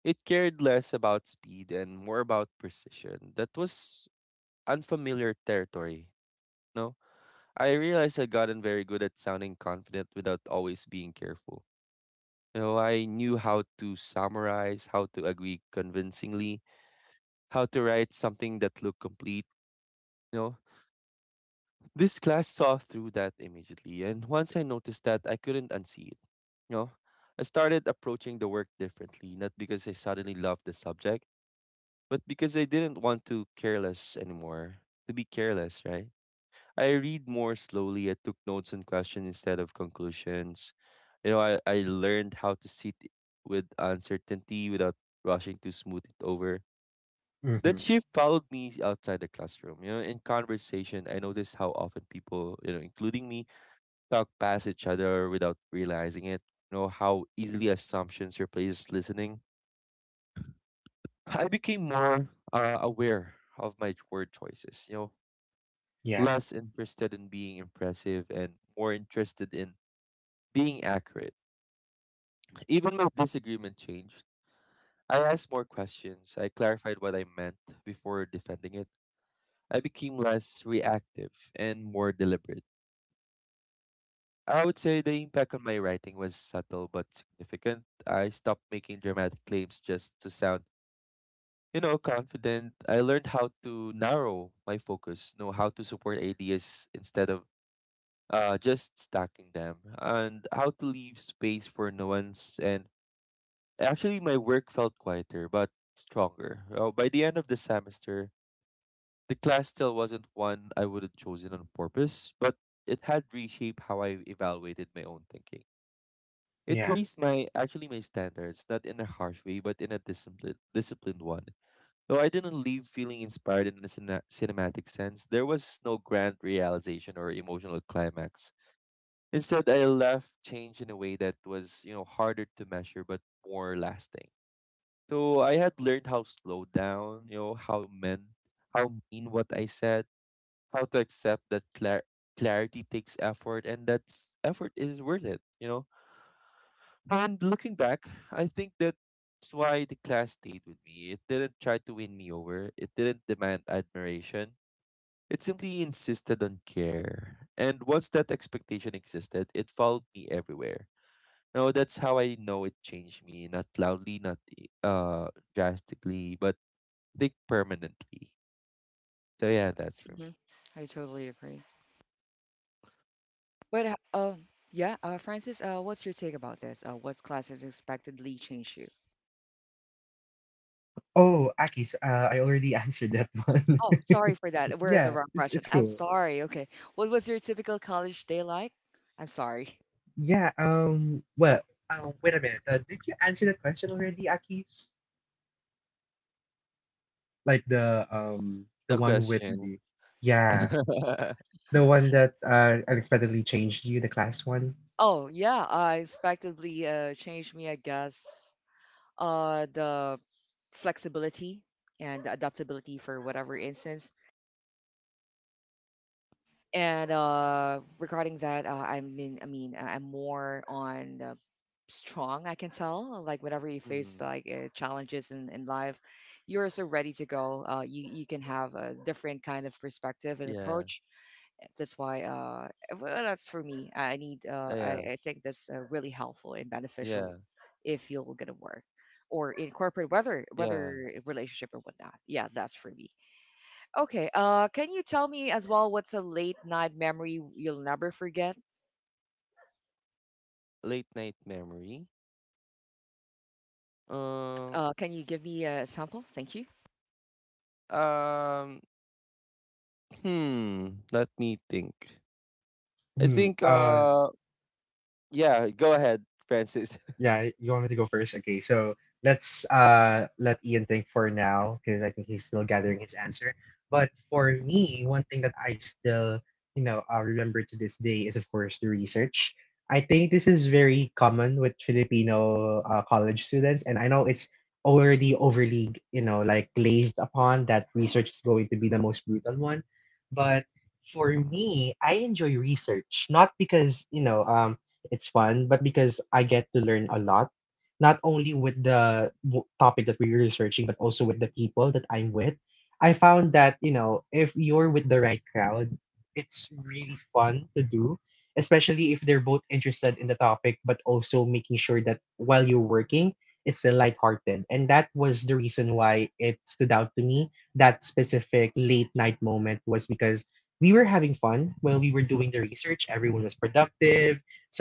Speaker 3: It cared less about speed and more about precision. That was unfamiliar territory. No? I realized I'd gotten very good at sounding confident without always being careful. You know, I knew how to summarize, how to agree convincingly, how to write something that looked complete. You know, this class saw through that immediately, and once I noticed that, I couldn't unsee it. You know, I started approaching the work differently, not because I suddenly loved the subject, but because I didn't want to careless anymore. To be careless, right? I read more slowly. I took notes on questions instead of conclusions. You know, I learned how to sit with uncertainty without rushing to smooth it over. That
Speaker 2: Mm-hmm.
Speaker 3: shift followed me outside the classroom. You know, in conversation, I noticed how often people, you know, including me, talk past each other without realizing it. You know, how easily assumptions replaces listening. I became more aware of my word choices, you know,
Speaker 2: Yeah.
Speaker 3: less interested in being impressive and more interested in being accurate. Even though disagreement changed, I asked more questions. I clarified what I meant before defending it. I became less reactive and more deliberate. I would say the impact on my writing was subtle but significant. I stopped making dramatic claims just to sound, you know, confident. I learned how to narrow my focus, know how to support ideas instead of just stacking them, and how to leave space for nuance and actually, my work felt quieter but stronger. By the end of the semester, the class still wasn't one I would have chosen on purpose, but it had reshaped how I evaluated my own thinking. It
Speaker 2: Yeah.
Speaker 3: raised my actually my standards, not in a harsh way, but in a disciplined one. Though I didn't leave feeling inspired in a cinematic sense, there was no grand realization or emotional climax. Instead, I left change in a way that was, you know, harder to measure but more lasting. So I had learned how to slow down, you know, how meant, how mean what I said, how to accept that clarity takes effort, and that effort is worth it. And looking back, I think that's why the class stayed with me. It didn't try to win me over. It didn't demand admiration. It simply insisted on care. And once that expectation existed, it followed me everywhere. You that's how I know it changed me. Not loudly, not drastically, but think permanently. So yeah, that's for
Speaker 1: Hmm.
Speaker 3: me.
Speaker 1: I totally agree. But yeah, Francis, what's your take about this? What class has expectedly changed you?
Speaker 2: Oh, Akis, I already <laughs> answered that one.
Speaker 1: Oh, sorry for that.
Speaker 2: <laughs>
Speaker 1: We're in the
Speaker 2: Yeah,
Speaker 1: wrong
Speaker 2: it's,
Speaker 1: question.
Speaker 2: it's
Speaker 1: I'm
Speaker 2: cool.
Speaker 1: sorry. Okay, what was your typical college day like? I'm sorry.
Speaker 2: Yeah, well, wait a minute. Did you answer that question already, Akis? Like the um
Speaker 3: The
Speaker 2: the one with
Speaker 3: question.
Speaker 2: the yeah,
Speaker 3: <laughs>
Speaker 2: the one that unexpectedly changed you, the class one.
Speaker 1: Oh yeah, expectedly changed me. I guess the flexibility and adaptability for whatever instance. And regarding that, I'm more on strong. I can tell, like whenever you face
Speaker 3: Mhm.
Speaker 1: like challenges in life, you're so ready to go. You can have a different kind of perspective and
Speaker 3: Yeah.
Speaker 1: approach. That's why, well, that's for me. I need.
Speaker 3: Oh, yeah.
Speaker 1: I think that's really helpful and beneficial
Speaker 3: Yeah.
Speaker 1: if you're gonna work or in corporate, whether
Speaker 3: Yeah.
Speaker 1: whether relationship or whatnot. Yeah, that's for me. Okay. Can you tell me as well what's a late night memory you'll never forget?
Speaker 3: Late night memory. Um.
Speaker 1: Can you give me a sample? Thank you.
Speaker 3: Um. Hmm. Let me think. I
Speaker 2: Hmm.
Speaker 3: think.
Speaker 2: Um.
Speaker 3: Yeah. Go ahead, Francis. <laughs>
Speaker 2: Yeah, you want me to go first? Okay, so let's let Ian think for now because I think he's still gathering his answer. But for me, one thing that I still, you know, remember to this day is of course the research. I think this is very common with Filipino college students, and I know it's already overly, you know, like glazed upon that research is going to be the most brutal one. But for me, I enjoy research not because it's fun, but because I get to learn a lot, not only with the topic that we're researching, but also with the people that I'm with. I found that, you know, if you're with the right crowd, it's really fun to do, especially if they're both interested in the topic, but also making sure that while you're working, it's still lighthearted. And that was the reason why it stood out to me. That specific late night moment was because we were having fun while we were doing the research. Everyone was productive,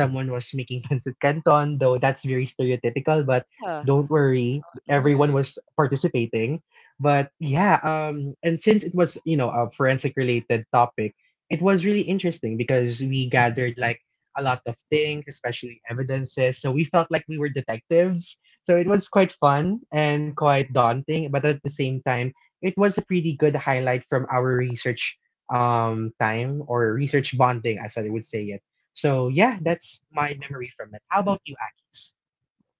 Speaker 2: someone was making pancit canton, though that's very stereotypical, but
Speaker 1: Uh,
Speaker 2: don't worry,
Speaker 1: mhm.
Speaker 2: everyone
Speaker 3: Right.
Speaker 2: was participating. But yeah, and since it was, you know, a forensic related topic, it was really interesting because we gathered like a lot of things, especially evidences. So we felt like we were detectives. So it was quite fun and quite daunting, but at the same time, it was a pretty good highlight from our research time or research bonding as I would say it. So yeah, that's my memory from it. How about you, Akis?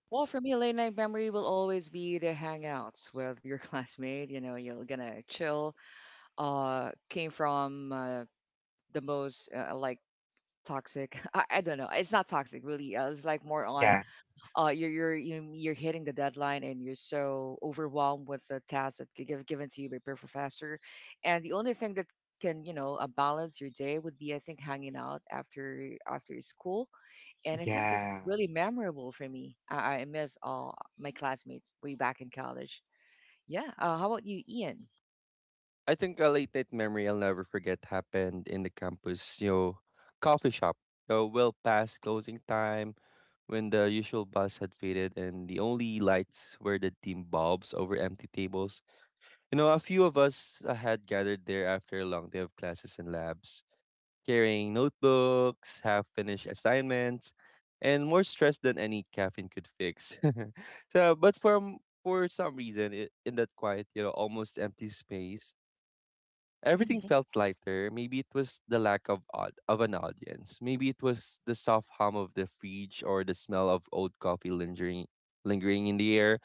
Speaker 1: Well, for me, a late night memory will always be the hangouts with your <laughs> classmate. You know, you're gonna chill. Came from the most like toxic. <laughs> I don't know. It's not toxic, really. It's like more on
Speaker 2: Yeah,
Speaker 1: you're hitting the deadline and you're so overwhelmed with the tasks that given to you by your professor, and the only thing that can you know balance your day would be I think hanging out after school, and I think that's
Speaker 2: yeah.
Speaker 1: really memorable for me. I miss all my classmates way back in college. Yeah. How about you, Ian?
Speaker 3: I think a late night memory I'll never forget happened in the campus, you know, coffee shop. So well past closing time when the usual bus had faded and the only lights were the dim bulbs over empty tables. You know, a few of us had gathered there after a long day of classes and labs, carrying notebooks, half-finished assignments, and more stress than any caffeine could fix. <laughs> so, but from for some reason, in that quiet, you know, almost empty space, everything
Speaker 1: Hmm.
Speaker 3: felt lighter. Maybe it was the lack of an audience. Maybe it was the soft hum of the fridge or the smell of old coffee lingering in the air.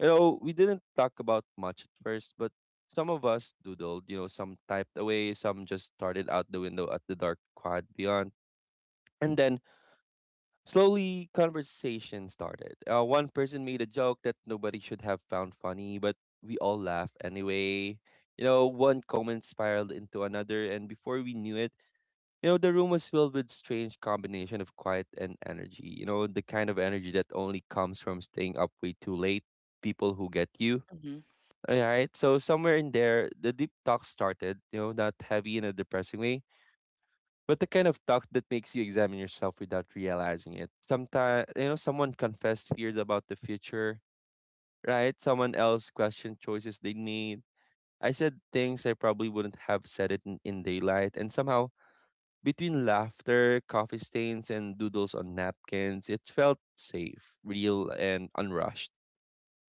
Speaker 3: You know, we didn't talk about much at first, but some of us doodled, you know, some typed away, some just started out the window at the dark quad beyond. And then slowly, conversation started. One person made a joke that nobody should have found funny, but we all laughed anyway. You know, one comment spiraled into another, and before we knew it, you know, the room was filled with strange combination of quiet and energy. You know, the kind of energy that only comes from staying up way too late, people who get you.
Speaker 1: Hmm.
Speaker 3: All right, so somewhere in there, the deep talk started. You know, not heavy in a depressing way but the kind of talk that makes you examine yourself without realizing it. Sometimes, you know, someone confessed fears about the future, right? Someone else questioned choices they made. I said things I probably wouldn't have said in daylight, and somehow, between laughter, coffee stains, and doodles on napkins, it felt safe, real, and unrushed.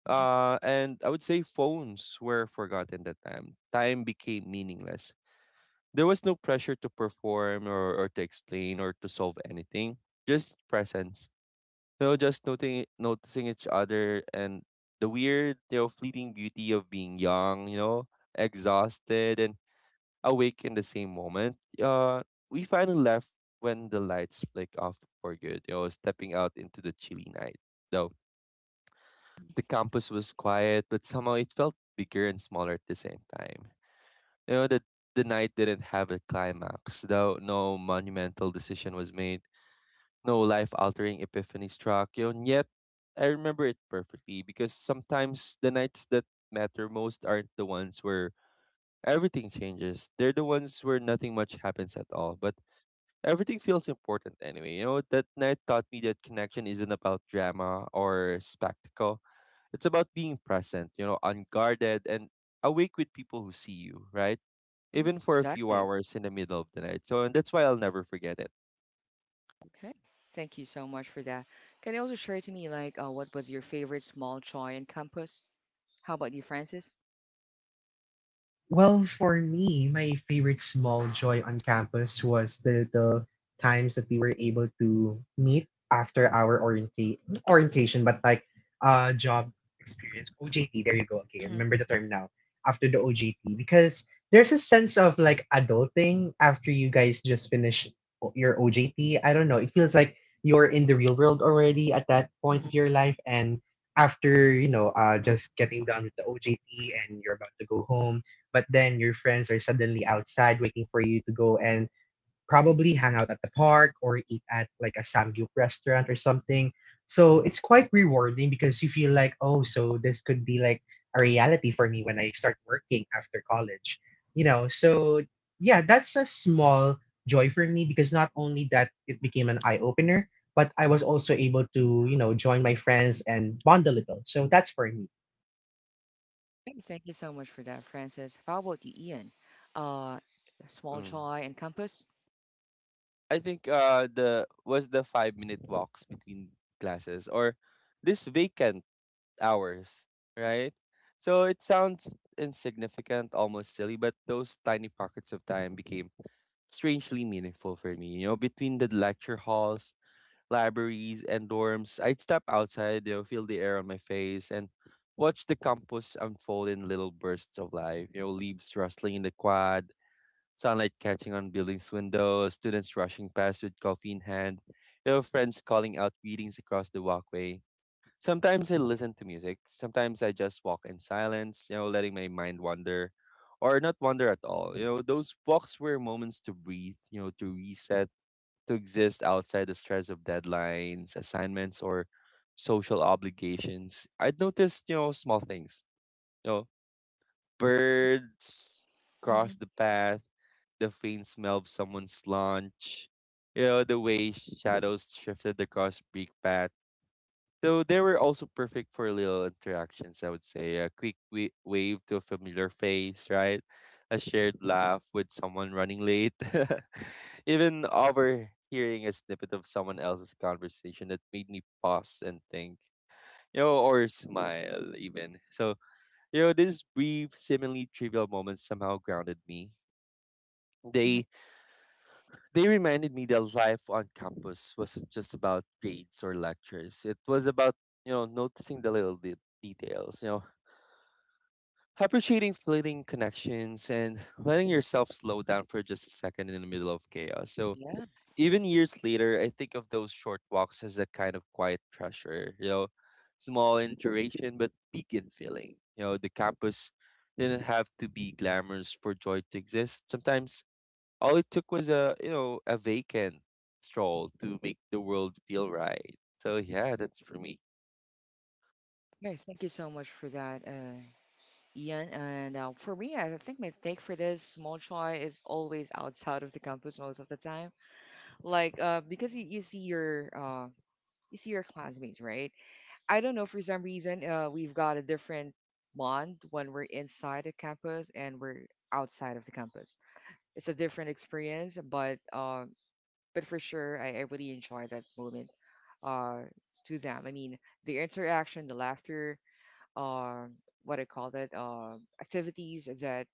Speaker 3: And I would say phones were forgotten that time. Time became meaningless there was no pressure to perform or to explain or to solve anything, just presence. So just noticing each other and the weird, you know, fleeting beauty of being young, you know, exhausted and awake in the same moment. We finally left when the lights flicked off for good, you know, stepping out into the chilly night. Though the campus was quiet, but somehow it felt bigger and smaller at the same time. You know, the, the night didn't have a climax, though no monumental decision was made, no life altering epiphany struck. You know, and yet, I remember it perfectly because sometimes the nights that matter most aren't the ones where everything changes. They're the ones where nothing much happens at all, but everything feels important anyway. You know, that night taught me that connection isn't about drama or spectacle it's about being present, you know, unguarded and awake with people who see you, right? Even for a few
Speaker 1: Exactly.
Speaker 3: hours in the middle of the night. So and that's why I'll never forget it.
Speaker 1: Okay. Thank you so much for that. Can you also share to me like what was your favorite small joy in campus? How about you, Francis?
Speaker 2: Well, for me, my favorite small joy on campus was the times that we were able to meet after our not orientation, but like job experience, OJT, there you go. Okay, I remember the term now. After the OJT, because there's a sense of like adulting after you guys just finish your OJT. I don't know. It feels like you're in the real world already at that point
Speaker 1: Mhm.
Speaker 2: of your life, and after you know, just getting done with the OJT and you're about to go home but then your friends are suddenly outside waiting for you to go and probably hang out at the park or eat at like a samgyup restaurant or something. So it's quite rewarding because you feel like, oh, so this could be like a reality for me when I start working after college. You know, so yeah, that's a small joy for me because not only that it became an eye opener, but I was also able to, you know, join my friends and bond a little. So that's for me.
Speaker 1: Hey, thank you so much for that, Francis. How about you, Ian? Uh, small
Speaker 3: Mm.
Speaker 1: joy and compass.
Speaker 3: I think the was the 5-minute walks between classes or this vacant hours, right? So it sounds insignificant, almost silly, but those tiny pockets of time became strangely meaningful for me. You know, between the lecture halls, libraries, and dorms, I'd step outside, you know, feel the air on my face, and watch the campus unfold in little bursts of life. You know, leaves rustling in the quad, sunlight catching on buildings' windows, students rushing past with coffee in hand, you know, friends calling out greetings across the walkway. Sometimes I listen to music. Sometimes I just walk in silence, you know, letting my mind wander or not wander at all. You know, those walks were moments to breathe, you know, to reset to exist outside the stress of deadlines, assignments, or social obligations. I'd noticed, you know, small things. You know, birds cross
Speaker 1: Hmm.
Speaker 3: the path, the faint smell of someone's lunch, you know, the way shadows shifted across brick paths so they were also perfect for little interactions, I would say. A quick wave to a familiar face, right? A shared laugh with someone running late. <laughs> Even overhearing a snippet of someone else's conversation that made me pause and think, you know, or smile even. So, you know, these brief, seemingly trivial moments somehow grounded me.
Speaker 1: Hmm.
Speaker 3: They they reminded me that life on campus wasn't just about grades or lectures. It was about, you know, noticing the little details, you know, appreciating fleeting connections and letting yourself slow down for just a second in the middle of chaos. So
Speaker 1: Yeah.
Speaker 3: even years later, I think of those short walks as a kind of quiet treasure, you know, small in duration but big in feeling. You know, the campus didn't have to be glamorous for joy to exist. Sometimes all it took was you know, a vacant stroll to make the world feel right. So yeah, that's for me.
Speaker 1: Hey, thank you so much for that, Ian. And for me, I think my take for this small joy is always outside of the campus most of the time. Like, because you see your classmates, right? I don't know for some reason, we've got a different bond when we're inside the campus and we're outside of the campus. It's a different experience, but for sure, I really enjoy that moment uh, to them. I mean, the interaction, the laughter, um, what I call that, activities that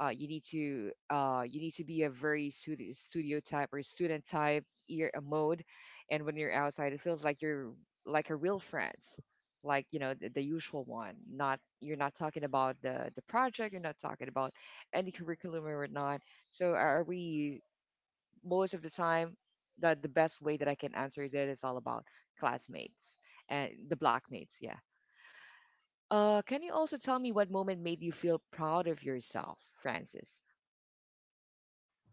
Speaker 1: you need to be a very studio type or student type ear mode, and when you're outside, it feels like you're like a real friends, like you know the usual one. Not you're not talking about the project, you're not talking about any curriculum or whatnot. So I really most of the time, the best way that I can answer that is all about classmates and the blockmates. Yeah. Can you also tell me what moment made you feel proud of yourself, Francis?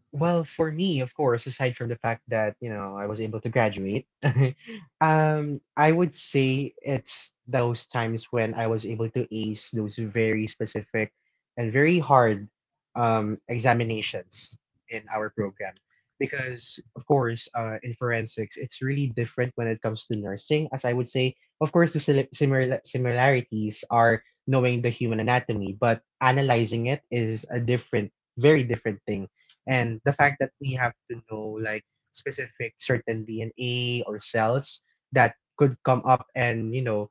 Speaker 2: Well, for me, of course, aside from the fact that, you know, I was able to graduate, <laughs> I would say it's those times when I was able to ace those very specific and very hard examinations in our program. Because, of course, in forensics, it's really different when it comes to nursing, as I would say. Of course, the similarities are knowing the human anatomy, but analyzing it is a different, very different thing and the fact that we have to know like specific certain DNA or cells that could come up and you know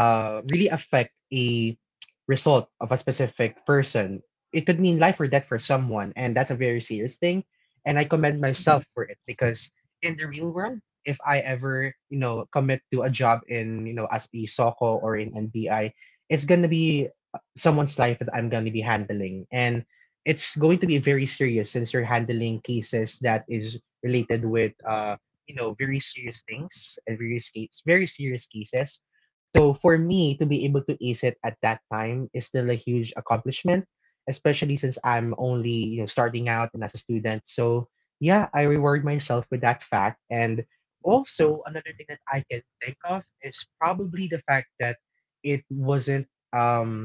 Speaker 2: uh, really affect a result of a specific person, it could mean life or death for someone, and that's a very serious thing. And I commend
Speaker 1: Mhm.
Speaker 2: myself for it because in the real world, if I ever you know commit to a job in you know as a SOCO or in NBI, it's gonna be someone's life that I'm gonna be handling, and it's going to be very serious since you're handling cases that is related with you know very serious things and very serious cases, so for me to be able to ace it at that time is still a huge accomplishment, especially since I'm only you know starting out and as a student. So yeah, I reward myself with that fact. And also another thing that I can think of is probably the fact that it wasn't um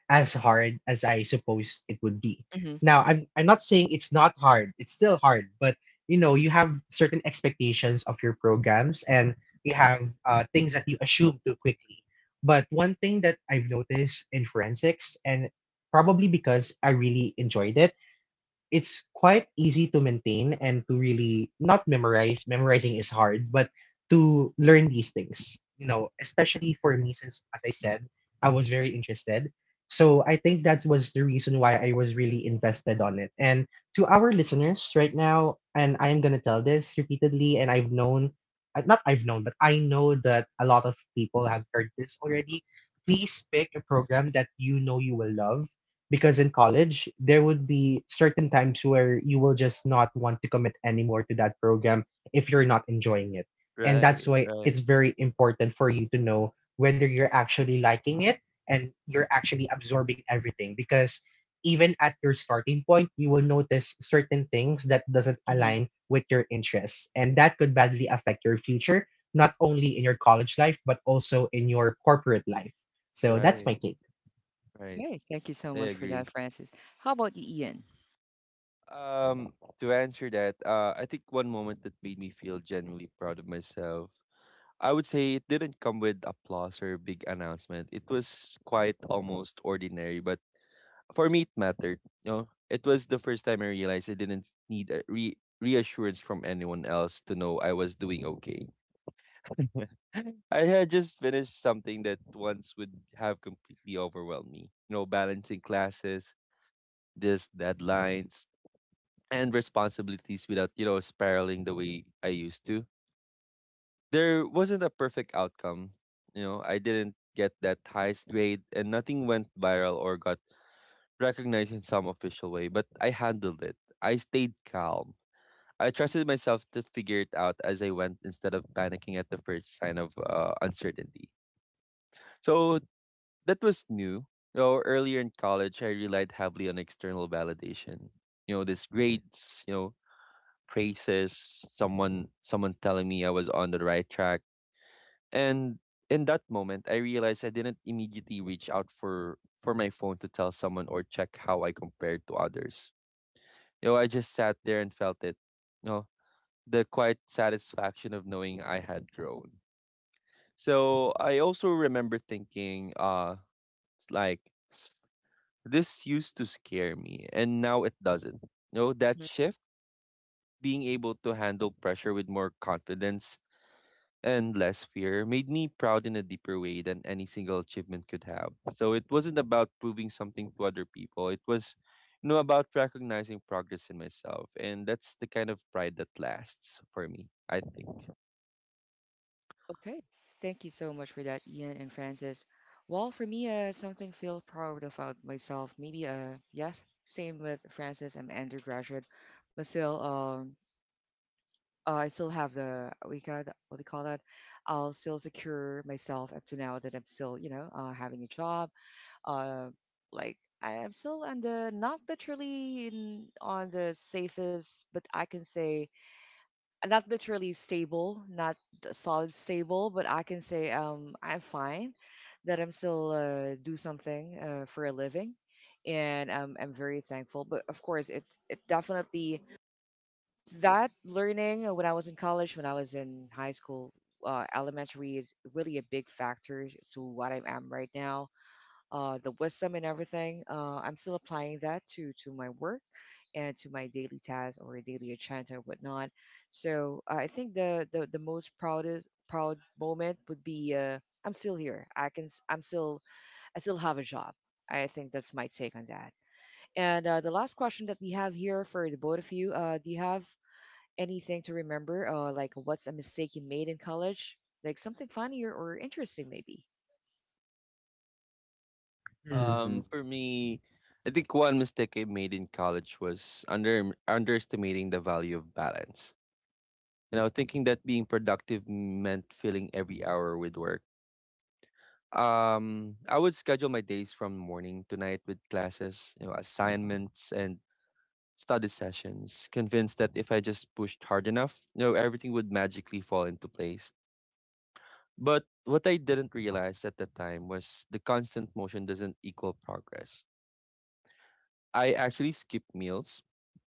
Speaker 2: as hard as I suppose it would be.
Speaker 1: Hmm.
Speaker 2: Now, I'm not saying it's not hard. It's still hard, but you know, you have certain expectations of your programs and you have things that you assume too quickly. But one thing that I've noticed in forensics, and probably because I really enjoyed it, it's quite easy to maintain and to really not memorize. Memorizing is hard, but to learn these things, you know, especially for me, since as I said, I was very interested. So I think that was the reason why I was really invested on it. And to our listeners right now, and I am going to tell this repeatedly, and I've known, not I've known, but I know that a lot of people have heard this already. Please pick a program that you know you will love because in college there would be certain times where you will just not want to commit anymore to that program if you're not enjoying it, and that's
Speaker 3: Right,
Speaker 2: why
Speaker 3: right,
Speaker 2: it's very important for you to know whether you're actually liking it and you're actually absorbing everything because even at your starting point you will notice certain things that doesn't
Speaker 1: Hmm.
Speaker 2: align with your interests and that could badly affect your future, not only in your college life but also in your corporate life. So that's my
Speaker 3: right,
Speaker 2: take.
Speaker 3: right.
Speaker 1: Okay, thank you so
Speaker 3: I
Speaker 1: much for
Speaker 3: agree.
Speaker 1: that, Francis. How about you, Ian?
Speaker 3: Um, to answer that, I think one moment that made me feel genuinely proud of myself, I would say it didn't come with applause or big announcement. It was quite almost ordinary, but for me it mattered. You know, it was the first time I realized I didn't need a reassurance from anyone else to know I was doing okay. <laughs> I had just finished something that once would have completely overwhelmed me. You know, balancing classes, this deadlines, and responsibilities without, you know, spiraling the way I used to. There wasn't a perfect outcome. You know, I didn't get that highest grade and nothing went viral or got recognized in some official way, but I handled it. I stayed calm. I trusted myself to figure it out as I went instead of panicking at the first sign of uncertainty. So that was new. You know, earlier in college, I relied heavily on external validation. You know, these grades, you know, praises, someone telling me I was on the right track. And in that moment, I realized I didn't immediately reach out for my phone to tell someone or check how I compared to others. You know, I just sat there and felt it. You know, the quiet satisfaction of knowing I had grown. So I also remember thinking, it's like this used to scare me, and now it doesn't. No, that
Speaker 1: Mhm.
Speaker 3: shift, being able to handle pressure with more confidence and less fear, made me proud in a deeper way than any single achievement could have. So it wasn't about proving something to other people. It was, you know, about recognizing progress in myself, and that's the kind of pride that lasts for me. I think.
Speaker 1: Okay, thank you so much for that, Ian and Francis. Well, for me, uh something feel proud about myself. Maybe, yes, same with Francis. I'm an undergraduate, but still, I still have the we got what do you call that? I'll still secure myself up to now that I'm still you know having a job. Uh, like I am still on the not literally in, on the safest, but I can say not literally stable, not the solid stable, but I can say I'm fine that I'm still do something for a living. And I'm very thankful, but of course, it definitely that learning when I was in college, when I was in high school, elementary is really a big factor to what I am right now. The wisdom and everything, I'm still applying that to my work and to my daily tasks or daily agenda and whatnot. So I think the most proudest proud moment would be I'm still here. I'm still I still have a job. I think that's my take on that. And the last question that we have here for the both of you, do you have anything to remember, like what's a mistake you made in college? Like something funnier or interesting, maybe.
Speaker 2: Mm-hmm.
Speaker 3: For me, I think one mistake I made in college was underestimating the value of balance. You know, thinking that being productive meant filling every hour with work. I would schedule my days from morning to night with classes, you know, assignments and study sessions, convinced that if I just pushed hard enough, you know, everything would magically fall into place. But what I didn't realize at the time was the constant motion doesn't equal progress. I actually skipped meals,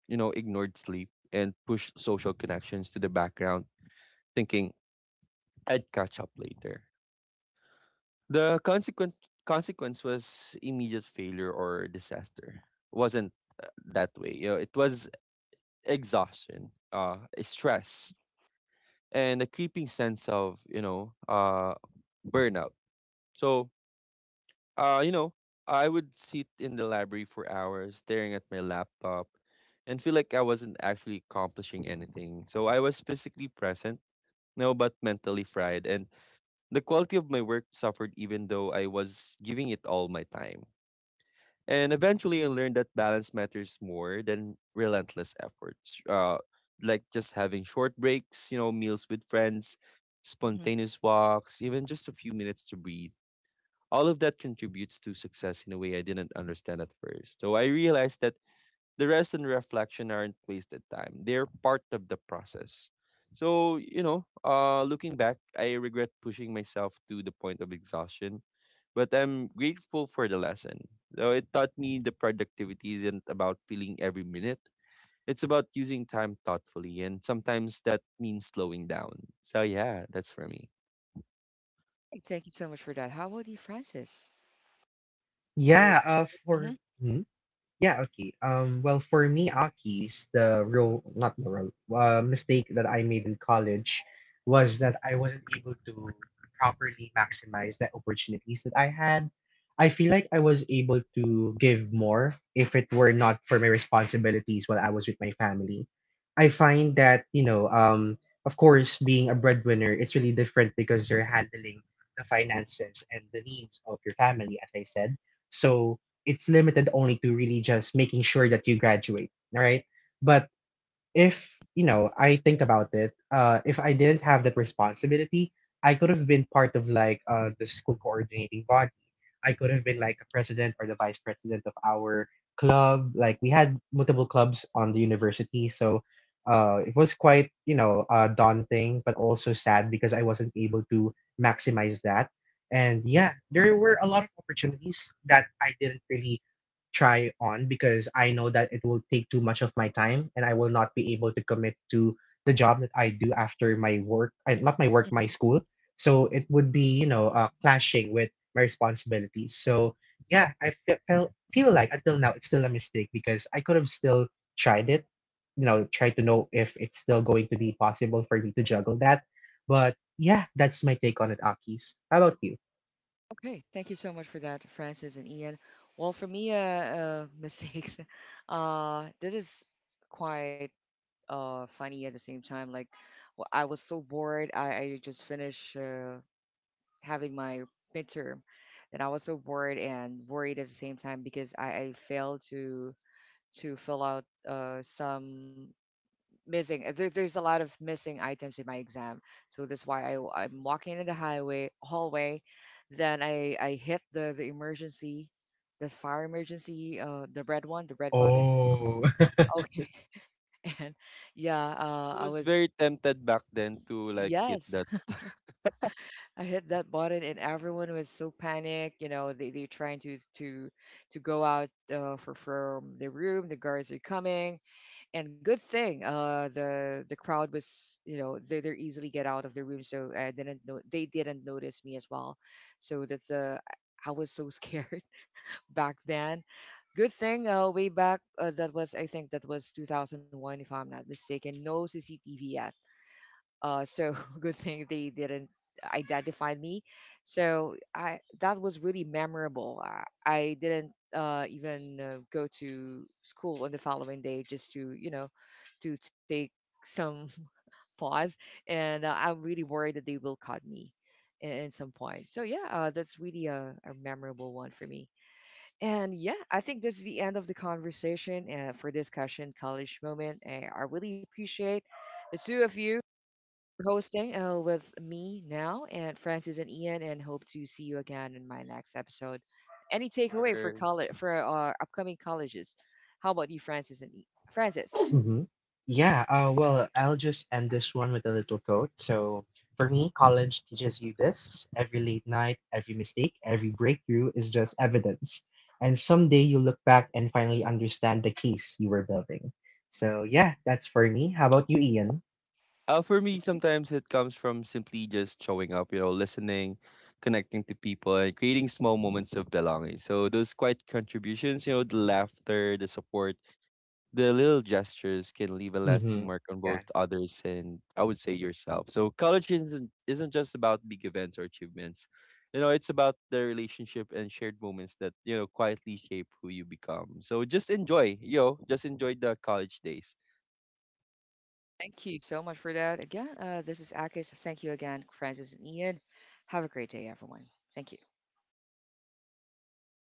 Speaker 3: you know, ignored sleep and pushed social connections to the background, thinking I'd catch up later. The consequent consequence was immediate failure or disaster. Wasn't that way. You know, it was exhaustion, stress, and a creeping sense of you know burnout. So you know, I would sit in the library for hours, staring at my laptop, and feel like I wasn't actually accomplishing anything. So I was physically present, no, but mentally fried, and the quality of my work suffered even though I was giving it all my time. And eventually, I
Speaker 1: Mhm.
Speaker 3: learned that balance matters more than relentless efforts. Like just having short breaks, you know, meals with friends,
Speaker 1: Mhm.
Speaker 3: spontaneous walks, even just a few minutes to breathe. All of that contributes to success in a way I didn't understand at first. So I realized that the rest and reflection aren't wasted time. They're part of the process. So, you know, looking back, I regret pushing myself to the point of exhaustion, but I'm grateful for the lesson. Though it taught me the productivity isn't about feeling every minute. It's about using time thoughtfully and sometimes that means slowing down. So yeah, that's for me.
Speaker 1: Thank you so much for that. How about you, Francis? Say,
Speaker 2: Yeah, for
Speaker 1: mhm.
Speaker 2: hmm? Yeah, okay. Well, for me, Aki's, the real not the real mistake that I made in college was that I wasn't able to properly maximize the opportunities that I had. I feel like I was able to give more if it were not for my responsibilities while I was with my family. I find that, you know, of course, being a breadwinner, it's really different because you're handling the finances and the needs of your family, as I said. So it's limited only to really just making sure that you graduate, all right? But if, you know, I think about it, if I didn't have that responsibility, I could have been part of like the school coordinating body. I could have been like a president or the vice president of our club. Like we had multiple clubs on the university, so it was quite daunting but also sad because I wasn't able to maximize that, and yeah, there were a lot of opportunities that I didn't really try on because I know that it will take too much of my time and I will not be able to commit to the job that I do after my work, not my work my
Speaker 1: Mhm.
Speaker 2: school. So it would be clashing with my responsibilities. So yeah, I felt feel like until now it's still a mistake because I could have still tried it, you know, try to know if it's still going to be possible for me to juggle that. But yeah, that's my take on it, Akis. How about you?
Speaker 1: Okay, thank you so much for that, Francis and Ian. Well, for me, <laughs> mistakes. This is quite funny at the same time. Like, I was so bored. I just finished having my midterm, and I was so bored and worried at the same time because I failed to fill out some missing there's a lot of missing items in my exam, so that's why I'm walking in the highway hallway, then I hit the emergency, the fire emergency, the red one, the red button.
Speaker 2: Oh. <laughs>
Speaker 1: Okay. <laughs> And yeah, I
Speaker 3: I was
Speaker 1: was
Speaker 3: very tempted back then to like hit
Speaker 1: yes.
Speaker 3: that
Speaker 1: <laughs> I hit that button and everyone was so panicked. You know, they're trying to go out for from the room, the guards are coming, and good thing the crowd was, you know, they easily get out of the room, so I didn't know they didn't notice me as well. So that's I was so scared <laughs> back then. Good thing way back, that was I think that was 2001, if I'm not mistaken, no cctv yet. So <laughs> good thing they didn't identify me. So I that was really memorable. I didn't even go to school on the following day just to, you know, to take some <laughs> pause, and I'm really worried that they will cut me in some point. So yeah, that's really a memorable one for me. And yeah, I think this is the end of the conversation for discussion college moment. I really appreciate the two of you hosting with me now and Francis and Ian, and hope to see you again in my next episode. Any takeaway for
Speaker 3: course.
Speaker 1: college for our upcoming colleges? How about you, Francis and Francis?
Speaker 2: Mhm. Yeah, well, I'll just end this one with a little quote. So, for me, college teaches you this. Every late night, every mistake, every breakthrough is just evidence. And someday you look back and finally understand the case you were building. So, yeah, that's for me. How about you, Ian?
Speaker 3: For
Speaker 1: Thank
Speaker 3: me,
Speaker 1: you.
Speaker 3: sometimes it comes from simply just showing up, you know, listening, connecting to people, and creating small moments of belonging. So those quiet contributions, you know, the laughter, the support the little gestures can leave a lasting
Speaker 2: Mm-hmm.
Speaker 3: mark on both
Speaker 2: Yeah.
Speaker 3: others and I would say yourself. So college isn't just about big events or achievements. You know, it's about the relationship and shared moments that, you know, quietly shape who you become. So just enjoy, you know, just enjoy the college days.
Speaker 1: Thank you so much for that. Again, this is Akis. Thank you again, Francis and Ian. Have a great day, everyone. Thank you.